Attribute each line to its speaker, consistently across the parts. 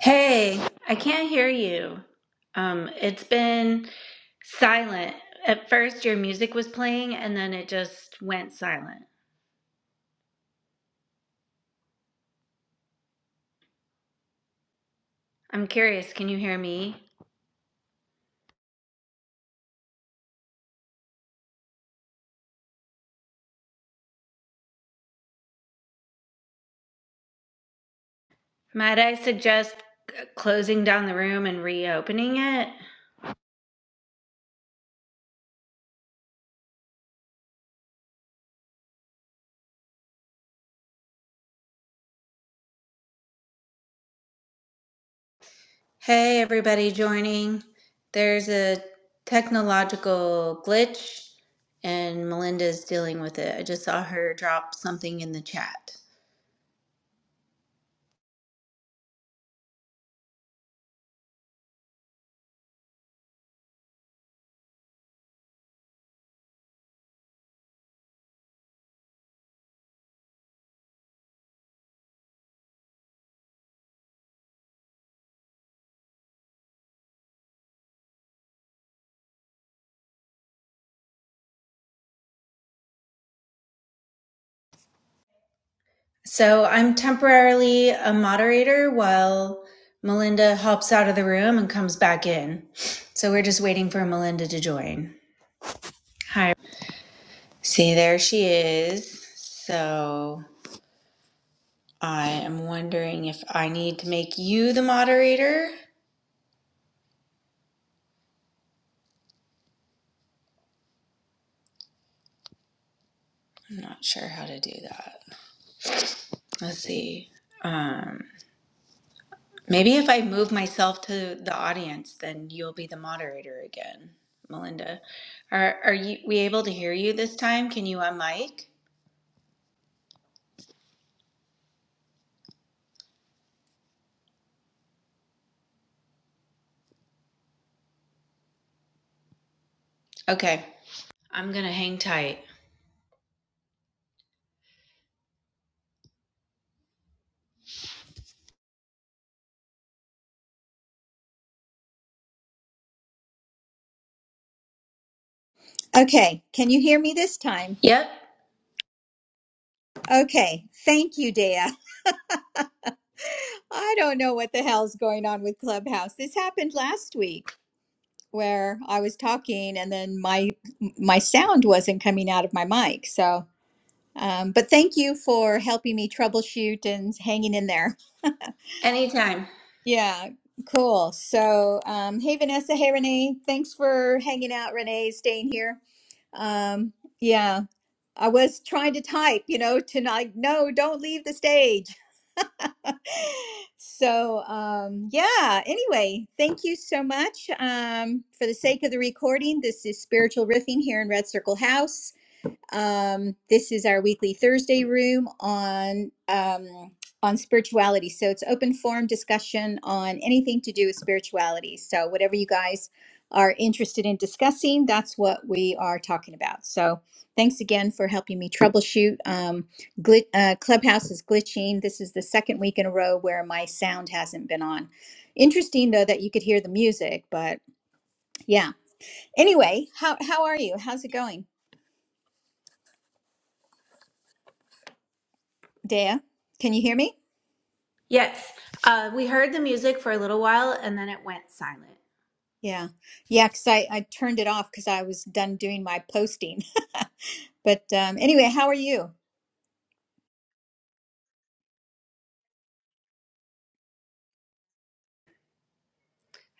Speaker 1: Hey, I can't hear you. Um, it's been silent. At first, your music was playing, and then it just went silent. I'm curious, can you hear me? Might I suggest c- closing down the room and reopening it? Hey, everybody joining. There's a technological glitch, and Melinda's dealing with it. I just saw her drop something in the chat. So I'm temporarily a moderator while Melinda hops out of the room and comes back in. So we're just waiting for Melinda to join. Hi. See, there she is. So I am wondering if I need to make you the moderator. I'm not sure how to do that. Let's see. Um, maybe if I move myself to the audience, then you'll be the moderator again, Melinda. Are, are you we able to hear you this time? Can you unmic? Okay. I'm going to hang tight.
Speaker 2: Okay, can you hear me this time?
Speaker 1: Yep.
Speaker 2: Okay, thank you, Dea. I don't know what the hell's going on with Clubhouse. This happened last week where I was talking and then my my sound wasn't coming out of my mic. So, um, but thank you for helping me troubleshoot and hanging in there.
Speaker 1: Anytime.
Speaker 2: Yeah, cool. So, um, hey Vanessa, hey Renee, thanks for hanging out, Renee, staying here. Um, yeah, I was trying to type, you know, tonight. No, don't leave the stage. so um, yeah anyway thank you so much um, for the sake of the recording this is spiritual riffing here in red circle house um, this is our weekly Thursday room on um, on spirituality. So it's open forum discussion on anything to do with spirituality. So whatever you guys are interested in discussing, that's what we are talking about. So thanks again for helping me troubleshoot. Um, glit uh, Clubhouse is glitching. This is the second week in a row where my sound hasn't been on. Interesting though that you could hear the music, but yeah. Anyway, how how are you? How's it going, Dea? Can you hear me?
Speaker 1: Yes. Uh, we heard the music for a little while and then it went silent.
Speaker 2: Yeah. Yeah, because I, I turned it off because I was done doing my posting. But um, anyway, how are you?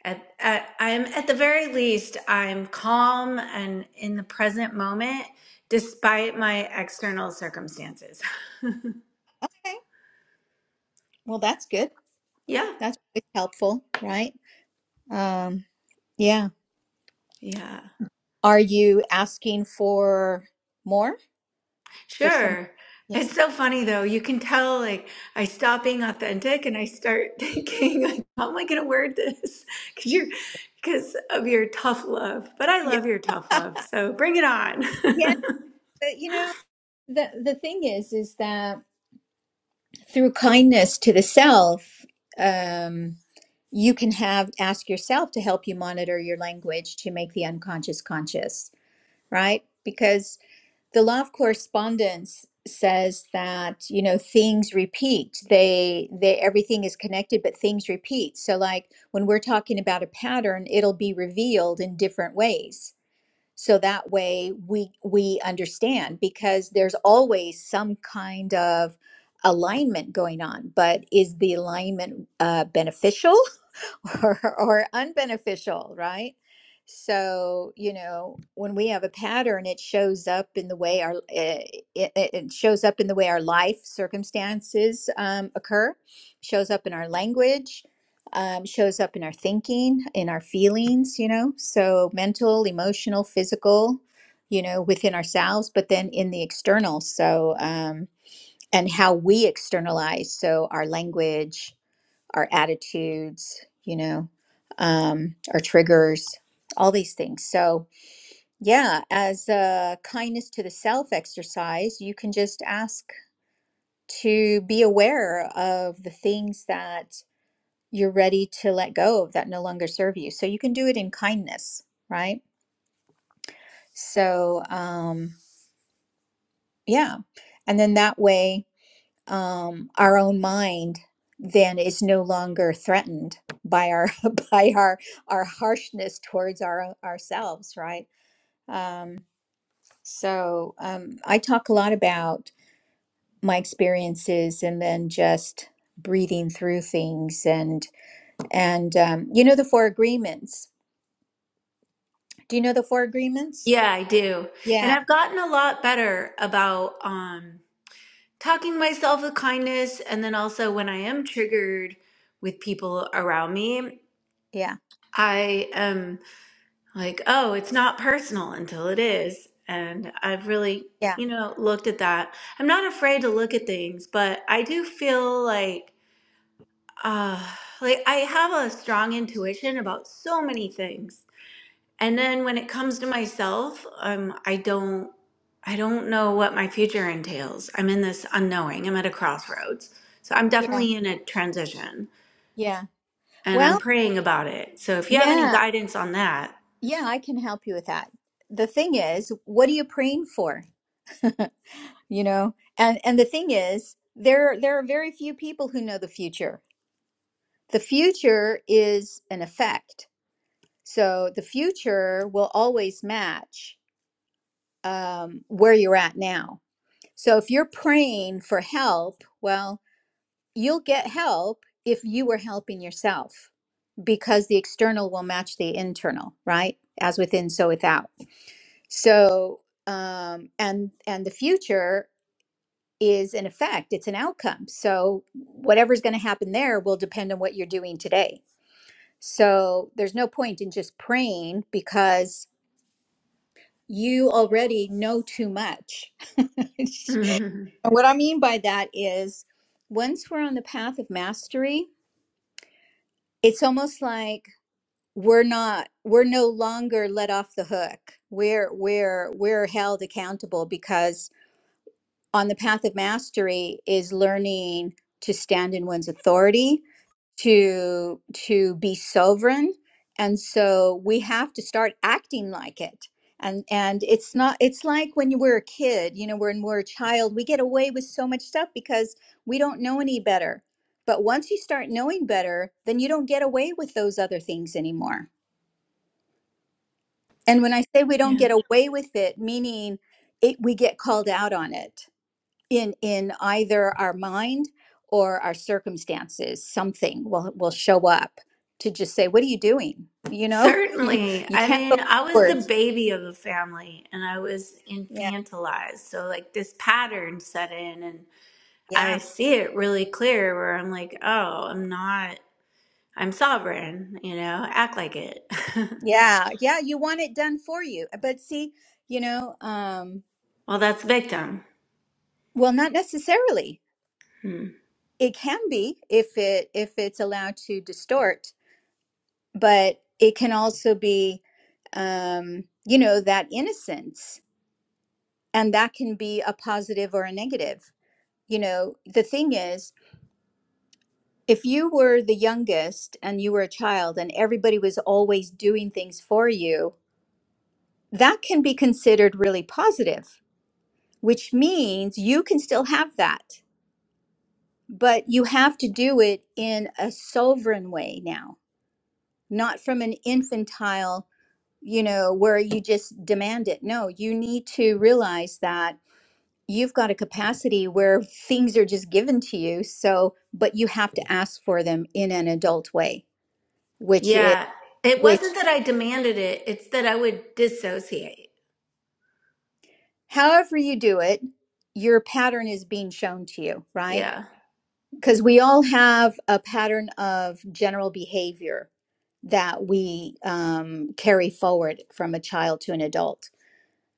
Speaker 1: At, at, I'm at the very least, I'm calm and in the present moment despite my external circumstances.
Speaker 2: Okay. Well, that's good.
Speaker 1: yeah.
Speaker 2: That's always helpful, right? Um, yeah.
Speaker 1: Yeah.
Speaker 2: Are you asking for more for some?
Speaker 1: Sure.
Speaker 2: Yeah.
Speaker 1: It's so funny though. You can tell like I stop being authentic and I start thinking like how am I going to word this? Cuz you're because of your tough love. But I
Speaker 2: Yeah.
Speaker 1: love your tough love. So bring it on.
Speaker 2: Yeah. But, you know, the, the thing is, is that through kindness to the self, um, you can have ask yourself to help you monitor your language to make the unconscious conscious, right? Because the law of correspondence says that you know things repeat they they everything is connected but things repeat so like when we're talking about a pattern it'll be revealed in different ways so that way we we understand because there's always some kind of alignment going on but is the alignment uh, beneficial or, or unbeneficial, right? So, you know, when we have a pattern, it shows up in the way our eh, it, it, it shows up in the way our life circumstances um, occur, shows up in our language, um, shows up in our thinking, in our feelings, you know, so mental, emotional, physical, you know, within ourselves, but then in the external. So, um, and how we externalize, so our language, our attitudes, you know, um, our triggers, all these things. So, yeah, as a kindness to the self exercise, you can just ask to be aware of the things that you're ready to let go of that no longer serve you. So, you can do it in kindness, right? So, um, yeah. And then that way, um, our own mind then is no longer threatened by our by our our harshness towards our ourselves right um, so um, i talk a lot about my experiences and then just breathing through things and and um, you know the four agreements do you know the four agreements
Speaker 1: yeah, I do. And
Speaker 2: yeah
Speaker 1: I've gotten a lot better about um talking myself with kindness and then also when I am triggered with people around me,
Speaker 2: yeah
Speaker 1: I am like, oh, it's not personal until it is. And I've really,
Speaker 2: yeah
Speaker 1: you know, looked at that. I'm not afraid to look at things, but I do feel like, uh, like I have a strong intuition about so many things. And then when it comes to myself, um, I don't, I don't know what my future entails. I'm in this unknowing. I'm at a crossroads. So I'm
Speaker 2: yeah
Speaker 1: definitely in a transition
Speaker 2: yeah
Speaker 1: and I'm
Speaker 2: well
Speaker 1: praying about it. So if you have any
Speaker 2: yeah
Speaker 1: guidance on that.
Speaker 2: yeah i can help you with that the thing is what are you praying for you know and and the thing is there there are very few people who know the future the future is an effect so the future will always match um, where you're at now so if you're praying for help well you'll get help if you were helping yourself because the external will match the internal right as within so without so um, and and the future is an effect, it's an outcome. So whatever's going to happen there will depend on what you're doing today. So there's no point in just praying because you already know too much. and what I mean by that is once we're on the path of mastery, it's almost like we're not we're no longer let off the hook. We're we're we're held accountable because on the path of mastery is learning to stand in one's authority to to be sovereign and so we have to start acting like it and and it's not it's like when you were a kid you know when we're a child we get away with so much stuff because we don't know any better but once you start knowing better then you don't get away with those other things anymore and when i say we don't
Speaker 1: yeah.
Speaker 2: get away with it meaning it we get called out on it in in either our mind or our circumstances something will will show up to just say what are you doing you know you
Speaker 1: Certainly.
Speaker 2: you
Speaker 1: I
Speaker 2: can't go
Speaker 1: mean, I was the
Speaker 2: backwards
Speaker 1: baby of the family and I was
Speaker 2: yeah
Speaker 1: infantilized. So, like, this pattern set in, and I
Speaker 2: yeah
Speaker 1: see it really clear where I'm like, oh, I'm not, I'm sovereign, you know, act like it.
Speaker 2: yeah yeah you want it done for you but see you know um
Speaker 1: well, that's victim.
Speaker 2: well not necessarily
Speaker 1: Hmm.
Speaker 2: it can be if it if it's allowed to distort but it can also be um you know that innocence and that can be a positive or a negative you know, the thing is, if you were the youngest and you were a child and everybody was always doing things for you, that can be considered really positive, which means you can still have that, but you have to do it in a sovereign way now, not from an infantile, you know, where you just demand it. No, you need to realize that you've got a capacity where things are just given to you. So, but you have to ask for them in an adult way which is
Speaker 1: Yeah. It
Speaker 2: which
Speaker 1: wasn't that I demanded it, it's that I would dissociate.
Speaker 2: however you do it your pattern is being shown to you right
Speaker 1: Yeah.
Speaker 2: because we all have a pattern of general behavior that we um, carry forward from a child to an adult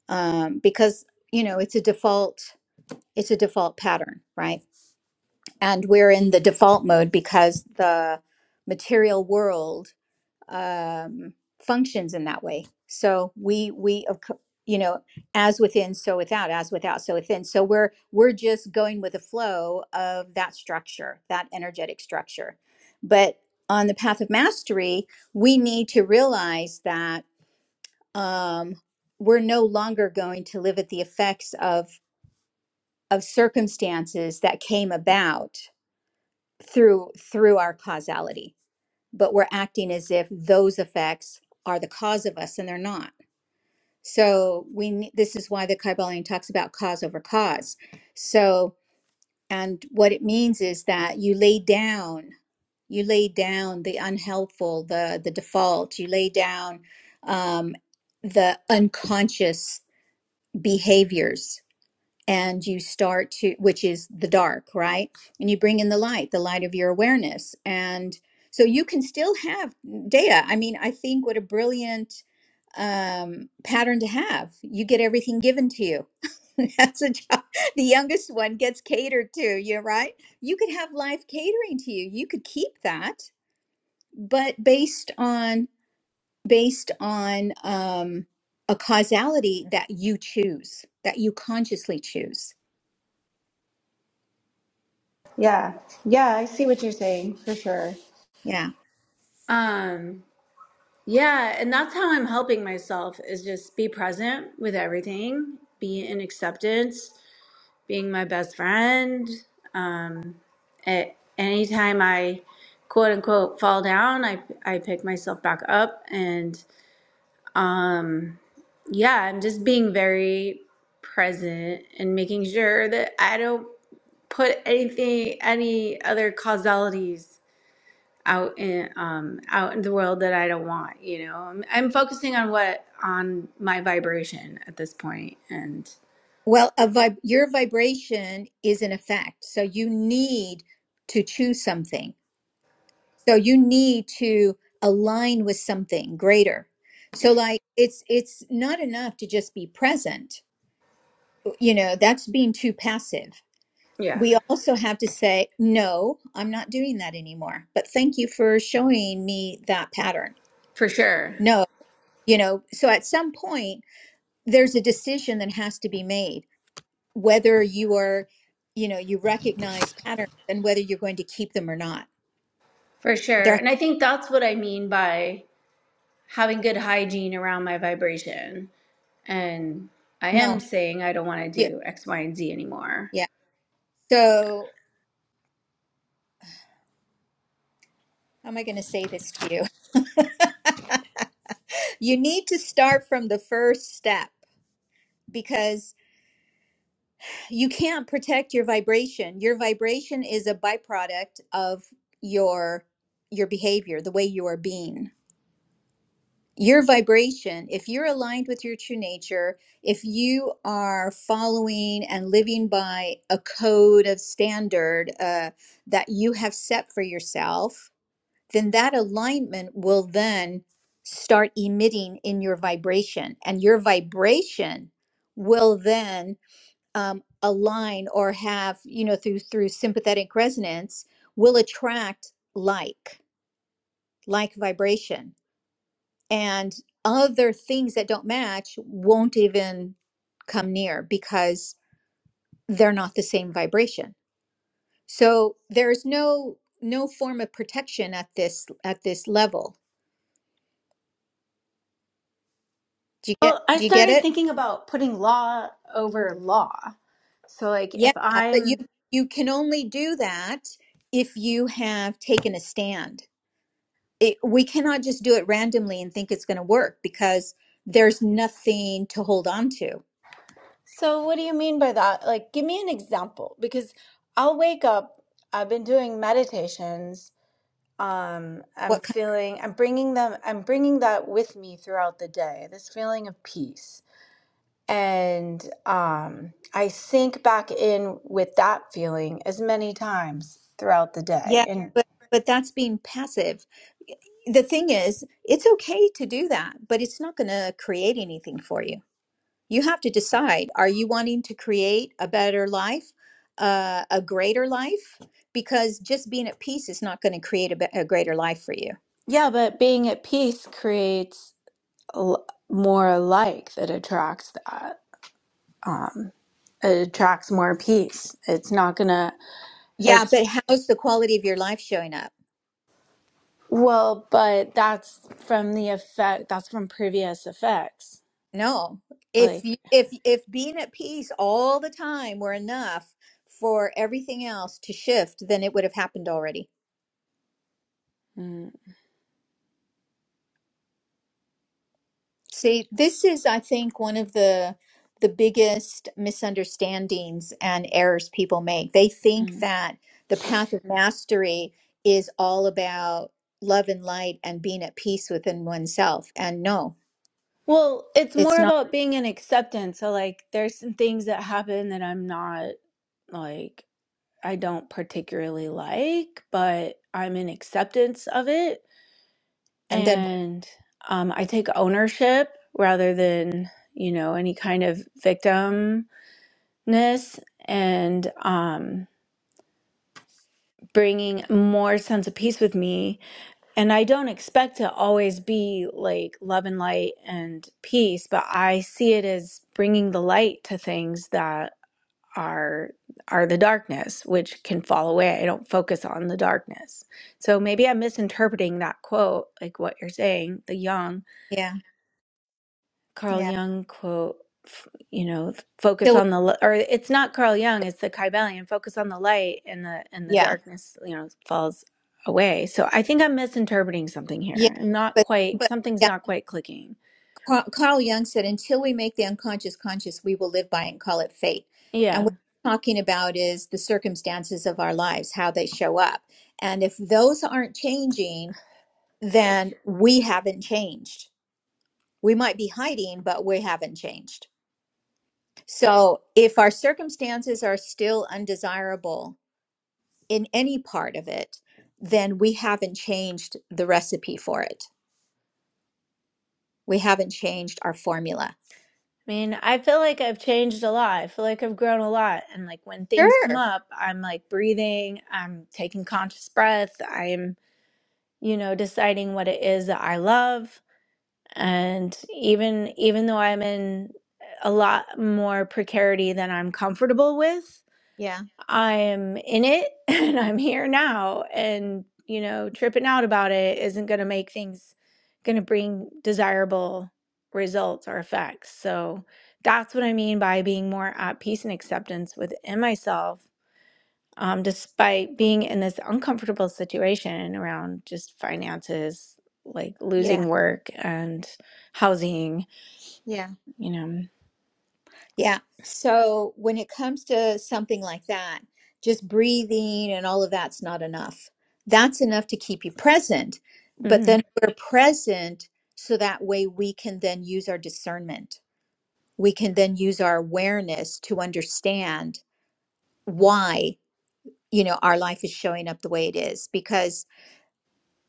Speaker 2: um, because you know it's a default it's a default pattern right and we're in the default mode because the material world um, functions in that way. So we we of co- you know as within so without as without so within. So we're we're just going with the flow of that structure, that energetic structure. But on the path of mastery, we need to realize that um, we're no longer going to live at the effects of of circumstances that came about through through our causality but we're acting as if those effects are the cause of us and they're not. So we ne- this is why the Kybalion talks about cause over cause. So and what it means is that you lay down you lay down the unhelpful, the the default, you lay down um, the unconscious behaviors and you start to which is the dark right and you bring in the light the light of your awareness and so you can still have data i mean i think what a brilliant um, pattern to have you get everything given to you that's a job the youngest one gets catered to you right you could have life catering to you you could keep that but based on based on um, a causality that you choose that you consciously choose
Speaker 1: Yeah. Yeah, I see what you're saying for sure.
Speaker 2: Yeah.
Speaker 1: Um, Yeah, and that's how I'm helping myself is just be present with everything, be in acceptance, being my best friend. Um, at anytime I quote unquote fall down, I I pick myself back up and um yeah, I'm just being very present and making sure that I don't put anything any other causalities out in um out in the world that I don't want, you know. I'm, I'm focusing on what on my vibration at this point and
Speaker 2: Well, a vib- your vibration is an effect. So you need to choose something. So you need to align with something greater. So like it's it's not enough to just be present. uh, You know, that's being too passive.
Speaker 1: yeah,
Speaker 2: We also have to say, no, I'm not doing that anymore. But thank you for showing me that pattern.
Speaker 1: for sure.
Speaker 2: No, you know, so at some point there's a decision that has to be made whether you are, you know, you recognize patterns and whether you're going to keep them or not.
Speaker 1: For sure.
Speaker 2: There,
Speaker 1: And I think that's what I mean by having good hygiene around my vibration. And I am
Speaker 2: no,
Speaker 1: saying I don't want to
Speaker 2: yeah,
Speaker 1: do X, Y, and Z anymore.
Speaker 2: yeah. So, how am I going to say this to you? You need to start from the first step because you can't protect your vibration. Your vibration is a byproduct of your your behavior, the way you are being. your vibration, if you're aligned with your true nature, if you are following and living by a code of standard uh, that you have set for yourself, then that alignment will then start emitting in your vibration. And your vibration will then um, align or have, you know, through through sympathetic resonance, will attract like, like vibration and other things that don't match won't even come near because they're not the same vibration so there's no no form of protection at this at this level do you get
Speaker 1: Well, I
Speaker 2: do you get
Speaker 1: started
Speaker 2: it
Speaker 1: thinking about putting law over law. So like
Speaker 2: yeah
Speaker 1: if
Speaker 2: but you
Speaker 1: I'm
Speaker 2: you can only do that if you have taken a stand it, we cannot just do it randomly and think it's going to work because there's nothing to hold on to
Speaker 1: So, what do you mean by that? Like, give me an example because I'll wake up. I've been doing meditations. Um, I'm
Speaker 2: What
Speaker 1: feeling, I'm bringing them, I'm bringing that with me throughout the day, this feeling of peace. And um, I sink back in with that feeling as many times throughout the day.
Speaker 2: Yeah,
Speaker 1: And
Speaker 2: but but that's being passive. The thing is, it's okay to do that, but it's not going to create anything for you. You have to decide, are you wanting to create a better life, uh, a greater life? Because just being at peace is not going to create a, be- a greater life for you.
Speaker 1: yeah, but being at peace creates l- more alike that attracts that. Um, it attracts more peace. It's not gonna.
Speaker 2: Yeah,
Speaker 1: It's
Speaker 2: but how's the quality of your life showing up?
Speaker 1: Well, but that's from the effect, that's from previous effects.
Speaker 2: No. If
Speaker 1: Like,
Speaker 2: you, if if being at peace all the time were enough for everything else to shift, then it would have happened already.
Speaker 1: mm,
Speaker 2: See, this is, I think, one of the the biggest misunderstandings and errors people make. They think
Speaker 1: mm.
Speaker 2: that the path of mastery is all about love and light and being at peace within oneself. And no,
Speaker 1: well, it's
Speaker 2: it's
Speaker 1: more
Speaker 2: not.
Speaker 1: about being in acceptance. So, like, there's some things that happen that I'm not, like, I don't particularly like, but I'm in acceptance of it.
Speaker 2: And then,
Speaker 1: And um, I take ownership rather than, you know, any kind of victimness and um, bringing more sense of peace with me And I don't expect to always be like love and light and peace, but I see it as bringing the light to things that are are the darkness, which can fall away. I don't focus on the darkness. So maybe I'm misinterpreting that quote, like what you're saying, the young.
Speaker 2: yeah,
Speaker 1: Carl
Speaker 2: yeah,
Speaker 1: Jung quote, f- you know, focus
Speaker 2: Till we-
Speaker 1: on the li- or it's not Carl Jung, it's the Kybalion, focus on the light and the and the
Speaker 2: yeah,
Speaker 1: darkness, you know, falls away. So I think I'm misinterpreting something
Speaker 2: yeah.
Speaker 1: here. I'm not
Speaker 2: But,
Speaker 1: quite
Speaker 2: but
Speaker 1: something's not quite clicking.
Speaker 2: Ca- Carl Jung said, until we make the unconscious conscious, we will live by and call it fate. And
Speaker 1: Yeah.
Speaker 2: what he's talking about is the circumstances of our lives, how they show up. And if those aren't changing, then we haven't changed. We might be hiding, but we haven't changed. So if our circumstances are still undesirable in any part of it, then we haven't changed the recipe for it. We haven't changed our formula.
Speaker 1: I mean, I feel like I've changed a lot. I feel like I've grown a lot. And like when things come
Speaker 2: Sure.
Speaker 1: up, I'm like breathing, I'm taking conscious breath, I'm, you know, deciding what it is that I love. and even even though i'm in a lot more precarity than i'm comfortable with
Speaker 2: Yeah.
Speaker 1: i'm in it and i'm here now and you know tripping out about it isn't going to make things going to bring desirable results or effects so that's what i mean by being more at peace and acceptance within myself um, despite being in this uncomfortable situation around just finances like losing work and housing
Speaker 2: Yeah.
Speaker 1: you know.
Speaker 2: Yeah. So when it comes to something like that, just breathing and all of that's not enough. That's enough to keep you present. But then
Speaker 1: Mm.
Speaker 2: we're present so that way we can then use our discernment. We can then use our awareness to understand why, you know, our life is showing up the way it is because,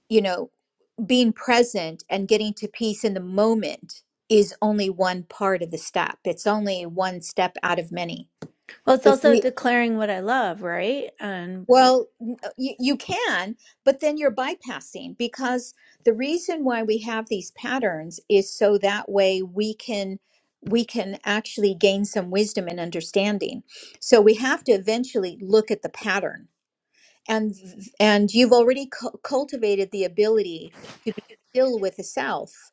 Speaker 2: you know, being present and getting to peace in the moment is only one part of the step. It's only one step out of many
Speaker 1: Well, it's
Speaker 2: if
Speaker 1: also
Speaker 2: we
Speaker 1: declaring what I love, right? And
Speaker 2: Well, n- uh, you, you can, but then you're bypassing because the reason why we have these patterns is so that way we can we can actually gain some wisdom and understanding. So we have to eventually look at the pattern. And and you've already cu- cultivated the ability to be still with the self,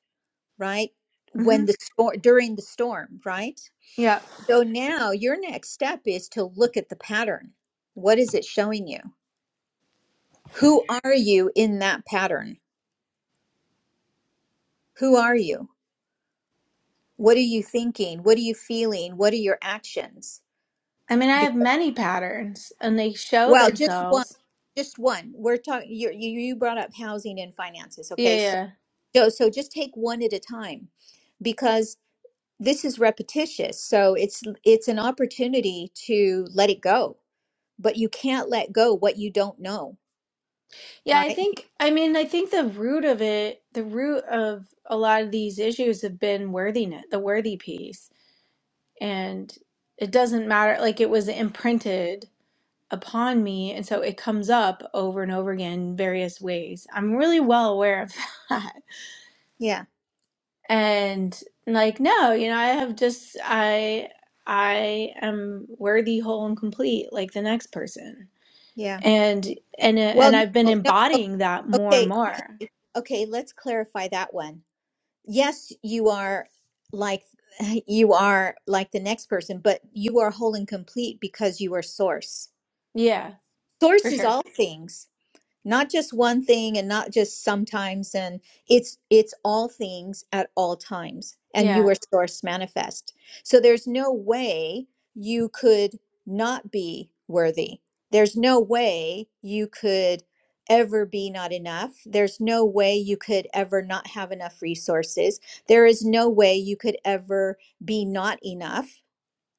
Speaker 2: right?
Speaker 1: hmm
Speaker 2: When the storm during the storm, right?
Speaker 1: Yeah.
Speaker 2: So now your next step is to look at the pattern. What is it showing you? Who are you in that pattern? Who are you? What are you thinking? What are you feeling? What are your actions?
Speaker 1: I mean, I
Speaker 2: Be-
Speaker 1: have many patterns and they show
Speaker 2: well, just one,
Speaker 1: themselves.
Speaker 2: just one. We're talking. You you you brought up housing and finances.
Speaker 1: Yeah,
Speaker 2: Okay, so
Speaker 1: yeah.
Speaker 2: so so just take one at a time, because this is repetitious. So it's it's an opportunity to let it go, but you can't let go what you don't know,
Speaker 1: Yeah, I
Speaker 2: right?
Speaker 1: think, I mean, I think the root of it, the root of a lot of these issues have been worthiness, the worthy piece. And it doesn't matter, like it was imprinted upon me. And so it comes up over and over again in various ways. I'm really well aware of that.
Speaker 2: Yeah,
Speaker 1: and like no you know i have just i i am worthy whole and complete like the next person
Speaker 2: yeah.
Speaker 1: and and uh,
Speaker 2: Well,
Speaker 1: and i've been
Speaker 2: no, no.
Speaker 1: embodying that more and
Speaker 2: Okay, okay,
Speaker 1: more
Speaker 2: okay. Let's clarify that one yes you are like you are like the next person but you are whole and complete because you are source
Speaker 1: yeah
Speaker 2: source
Speaker 1: for
Speaker 2: is
Speaker 1: sure
Speaker 2: all things not just one thing and not just sometimes and it's it's all things at all times and you
Speaker 1: yeah
Speaker 2: are source manifest so there's no way you could not be worthy there's no way you could ever be not enough there's no way you could ever not have enough resources there is no way you could ever be not enough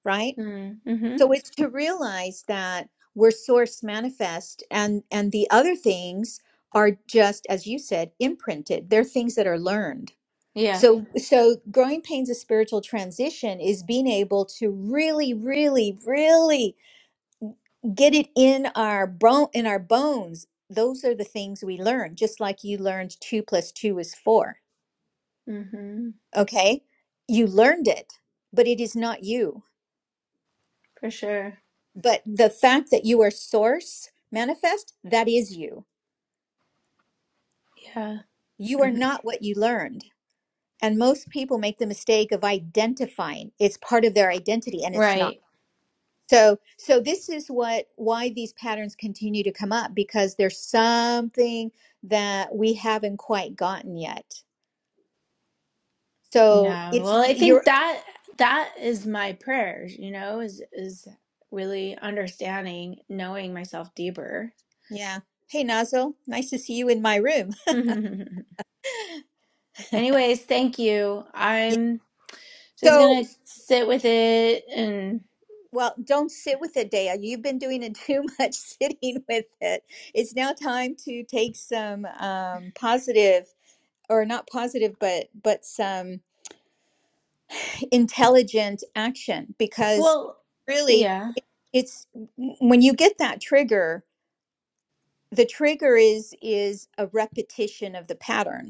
Speaker 2: right
Speaker 1: mm, mm-hmm
Speaker 2: so it's to realize that we're source manifest and and the other things are just as you said imprinted they're things that are learned
Speaker 1: yeah
Speaker 2: so so growing pains of spiritual transition is being able to really really really get it in our bone in our bones those are the things we learn just like you learned 2 plus 2 is 4
Speaker 1: mm-hmm
Speaker 2: okay you learned it but it is not you
Speaker 1: for sure
Speaker 2: but the fact that you are source manifest that is you
Speaker 1: yeah
Speaker 2: you are
Speaker 1: hmm
Speaker 2: not what you learned and most people make the mistake of identifying it's part of their identity and it's not
Speaker 1: right
Speaker 2: so so this is what why these patterns continue to come up because there's something that we haven't quite gotten yet so
Speaker 1: yeah
Speaker 2: it's
Speaker 1: well i
Speaker 2: you're
Speaker 1: think that that is my prayers you know is is really understanding knowing myself deeper
Speaker 2: yeah hey Nazo, nice to see you in my room
Speaker 1: Anyways, thank you.
Speaker 2: yeah.
Speaker 1: I'm just
Speaker 2: So.
Speaker 1: gonna sit with it and,
Speaker 2: Well, don't sit with it, Dea. You've been doing it too much sitting with it. It's now time to take some um, positive, or not positive, but but some intelligent action because
Speaker 1: well,
Speaker 2: really,
Speaker 1: yeah,
Speaker 2: it, it's when you get that trigger. The trigger is is a repetition of the pattern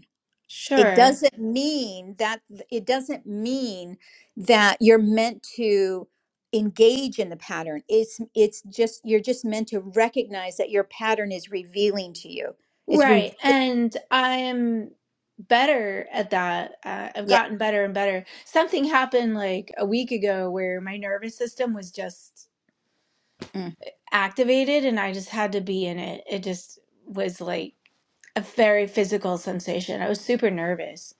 Speaker 2: it
Speaker 1: sure.
Speaker 2: doesn't mean that it doesn't mean that you're meant to engage in the pattern it's it's just you're just meant to recognize that your pattern is revealing to you it's re
Speaker 1: Right. And I'm better at that. Uh, I've
Speaker 2: yeah
Speaker 1: gotten better and better. Something happened like a week ago where my nervous system was just
Speaker 2: mm,
Speaker 1: activated and I just had to be in it. It just was like a very physical sensation. I was super nervous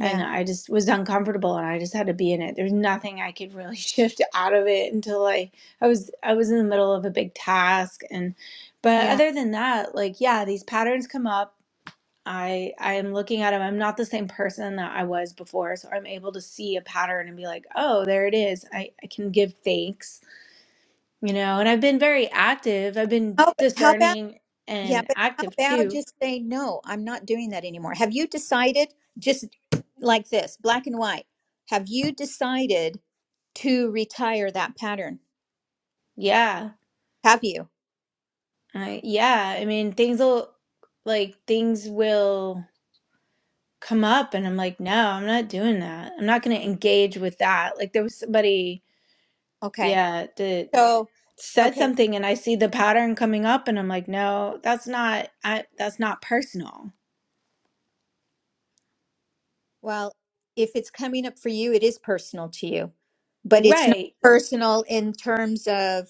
Speaker 1: and I just was uncomfortable and I just had to be in it. There's nothing I could really shift out of it until I I was I was in the middle of a big task and but
Speaker 2: yeah
Speaker 1: other than that, like yeah, these patterns come up. I I am looking at them. I'm not the same person that I was before, so I'm able to see a pattern and be like, "Oh, there it is." I I can give thanks, you know. And I've been very active. I've been
Speaker 2: how, how about
Speaker 1: discerning
Speaker 2: yeah
Speaker 1: and
Speaker 2: but how
Speaker 1: active
Speaker 2: about
Speaker 1: too.
Speaker 2: just say no i'm not doing that anymore have you decided just like this black and white have you decided to retire that pattern
Speaker 1: Yeah.
Speaker 2: have you
Speaker 1: I yeah, I mean, things will like things will come up and I'm like, no, I'm not doing that. I'm not going to engage with that. Like there was somebody,
Speaker 2: okay
Speaker 1: yeah, that
Speaker 2: so
Speaker 1: said
Speaker 2: okay
Speaker 1: something and I see the pattern coming up and I'm like, no, that's not I that's not personal.
Speaker 2: Well, if it's coming up for you, it is personal to you, but it's not
Speaker 1: Right.
Speaker 2: personal in terms of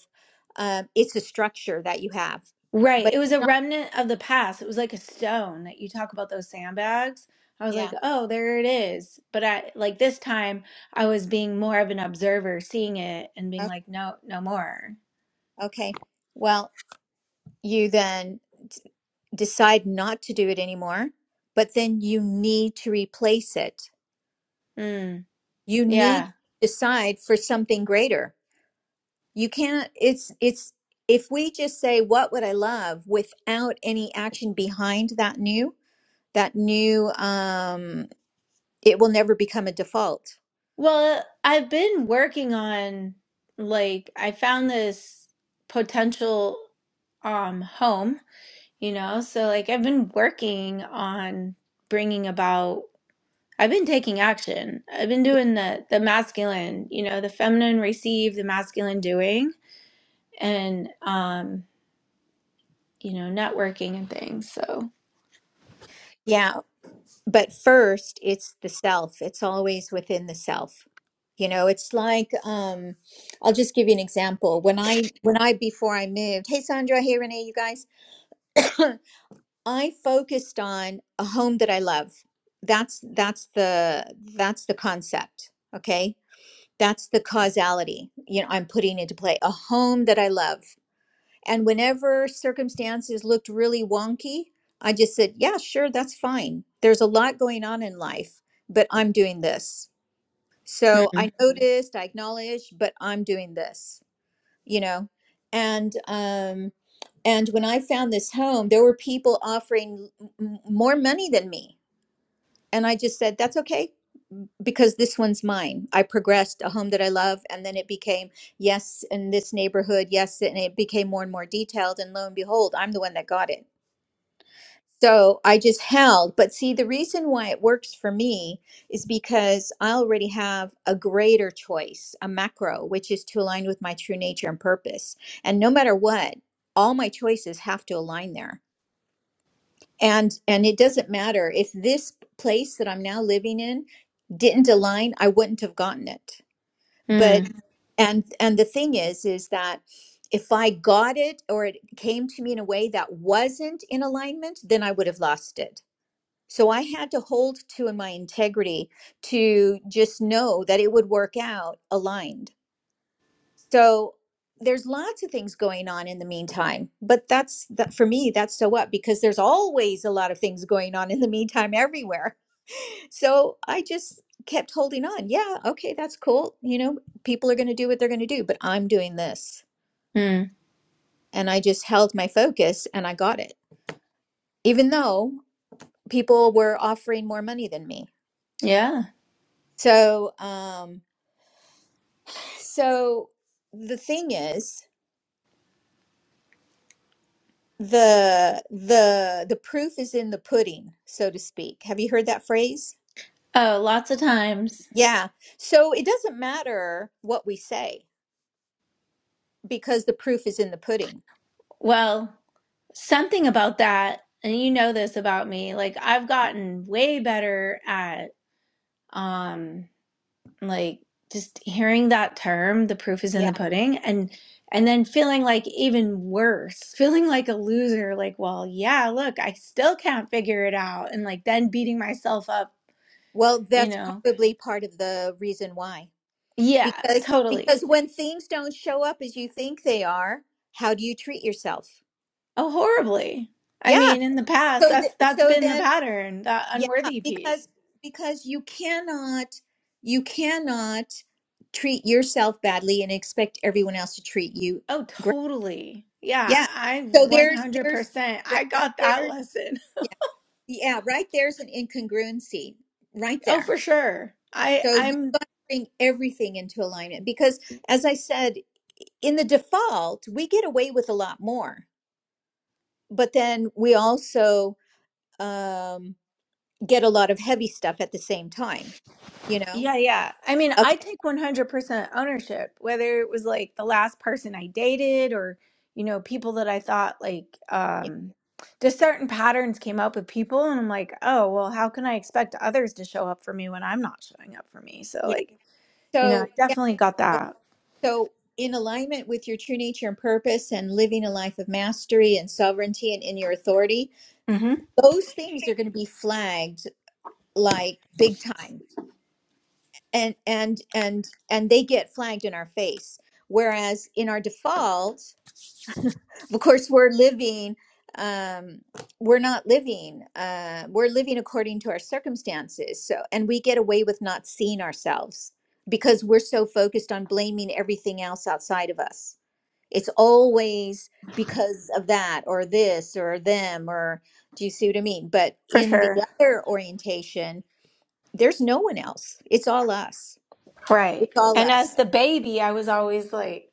Speaker 2: um, it's a structure that you have.
Speaker 1: Right.
Speaker 2: But
Speaker 1: It was a
Speaker 2: it's not,
Speaker 1: remnant of the past. It was like a stone that you talk about those sandbags. I was
Speaker 2: yeah,
Speaker 1: like, oh, there it is. But I like this time I was being more of an observer, seeing it and being
Speaker 2: o-
Speaker 1: like, no, no more.
Speaker 2: okay. Well, you then d- decide not to do it anymore, but then you need to replace it.
Speaker 1: Mm.
Speaker 2: You need
Speaker 1: yeah.
Speaker 2: to decide for something greater. You can't, it's, it's, if we just say, what would I love without any action behind that new, that new um it will never become a default
Speaker 1: Well, I've been working on like I found this potential um home, you know? So like I've been working on bringing about I've been taking action. I've been doing the the masculine, you know, the feminine receive, the masculine doing and um, you know, networking and things. So,
Speaker 2: yeah but first it's the self it's always within the self you know it's like um i'll just give you an example when i when i before i moved hey sandra hey renee you guys i focused on a home that i love that's that's the that's the concept okay that's the causality you know i'm putting into play a home that i love And whenever circumstances looked really wonky, I just said, Yeah, sure, that's fine. There's a lot going on in life, but I'm doing this. So
Speaker 1: mm,
Speaker 2: I noticed, I acknowledged, but I'm doing this, you know? And, um, and when I found this home, there were people offering m- m- more money than me. And I just said, that's okay because this one's mine. I progressed a home that I love, and then it became yes in this neighborhood, yes, and it became more and more detailed. And lo and behold, I'm the one that got it. So I just held. But see, the reason why it works for me is because I already have a greater choice, a macro, which is to align with my true nature and purpose. And no matter what, all my choices have to align there. And and it doesn't matter if this place that I'm now living in didn't align, I wouldn't have gotten it but
Speaker 1: mm,
Speaker 2: and and the thing is is that if i got it or it came to me in a way that wasn't in alignment then i would have lost it so i had to hold to my integrity to just know that it would work out aligned so there's lots of things going on in the meantime but that's that for me that's so what because there's always a lot of things going on in the meantime everywhere so I just kept holding on. Yeah, okay, that's cool. You know, people are going to do what they're going to do, but I'm doing this.
Speaker 1: mm.
Speaker 2: And I just held my focus and I got it, even though people were offering more money than me.
Speaker 1: Yeah.
Speaker 2: So, um, so the thing is, the the the proof is in the pudding, so to speak. Have you heard that phrase?
Speaker 1: Oh, lots of times.
Speaker 2: Yeah. So it doesn't matter what we say because the proof is in the pudding.
Speaker 1: Well, something about that, and you know this about me, like I've gotten way better at um like just hearing that term, the proof is
Speaker 2: Yeah.
Speaker 1: in the pudding, and and then feeling like even worse, feeling like a loser, like, well, yeah, look, I still can't figure it out, and like then beating myself up,
Speaker 2: Well,
Speaker 1: you
Speaker 2: that's
Speaker 1: know.
Speaker 2: probably part of the reason why.
Speaker 1: Yeah,
Speaker 2: Because
Speaker 1: totally.
Speaker 2: because when things don't show up as you think they are, how do you treat yourself?
Speaker 1: Oh, horribly. I
Speaker 2: Yeah.
Speaker 1: mean, in the past,
Speaker 2: So th-
Speaker 1: that's that's
Speaker 2: so
Speaker 1: been the
Speaker 2: then
Speaker 1: pattern, that
Speaker 2: yeah,
Speaker 1: unworthy piece.
Speaker 2: because because you cannot you cannot treat yourself badly and expect everyone else to treat you
Speaker 1: Oh,
Speaker 2: great.
Speaker 1: totally. Yeah,
Speaker 2: Yeah.
Speaker 1: I
Speaker 2: So there's there's
Speaker 1: 100%.
Speaker 2: right,
Speaker 1: I
Speaker 2: right
Speaker 1: got that
Speaker 2: there
Speaker 1: lesson.
Speaker 2: yeah, yeah, right there's an incongruency right
Speaker 1: Oh,
Speaker 2: there.
Speaker 1: for sure. I
Speaker 2: So.
Speaker 1: I'm
Speaker 2: bring everything into alignment because as i said in the default we get away with a lot more but then we also um get a lot of heavy stuff at the same time you know
Speaker 1: yeah, yeah. I mean,
Speaker 2: okay
Speaker 1: I take 100% ownership, whether it was like the last person I dated or, you know, people that I thought like
Speaker 2: yeah
Speaker 1: um just certain patterns came up with people and I'm like, "Oh, well, how can I expect others to show up for me when I'm not showing up for me?" So
Speaker 2: yeah
Speaker 1: like, you know, I
Speaker 2: so yeah
Speaker 1: definitely got
Speaker 2: so
Speaker 1: that.
Speaker 2: so in alignment with your true nature and purpose and living a life of mastery and sovereignty and in your authority
Speaker 1: Mhm.
Speaker 2: those things are going to be flagged like big time and and and and they get flagged in our face whereas in our default of course we're living um we're not living uh we're living according to our circumstances so and we get away with not seeing ourselves because we're so focused on blaming everything else outside of us it's always because of that or this or them or do you see what i mean but
Speaker 1: For
Speaker 2: in the
Speaker 1: sure.
Speaker 2: other orientation there's no one else it's all us
Speaker 1: Right.
Speaker 2: it's all
Speaker 1: And
Speaker 2: us
Speaker 1: as the baby, I was always like,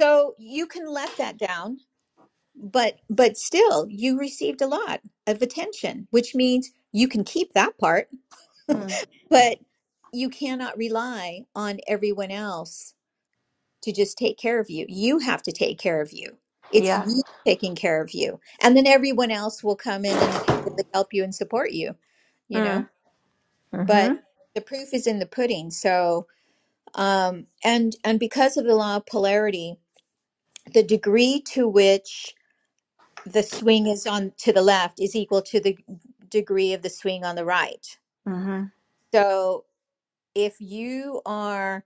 Speaker 2: So you can let that down, but but still you received a lot of attention, which means you can keep that part,
Speaker 1: "Hmm,
Speaker 2: but you cannot rely on everyone else to just take care of you. You have to take care of you. It's
Speaker 1: Yeah.
Speaker 2: you taking care of you. And then everyone else will come in and really help you and support you, you know?
Speaker 1: Mm. Mm-hmm.
Speaker 2: But the proof is in the pudding. So um and and because of the law of polarity, the degree to which the swing is on to the left is equal to the degree of the swing on the right.
Speaker 1: Mm-hmm.
Speaker 2: So if you are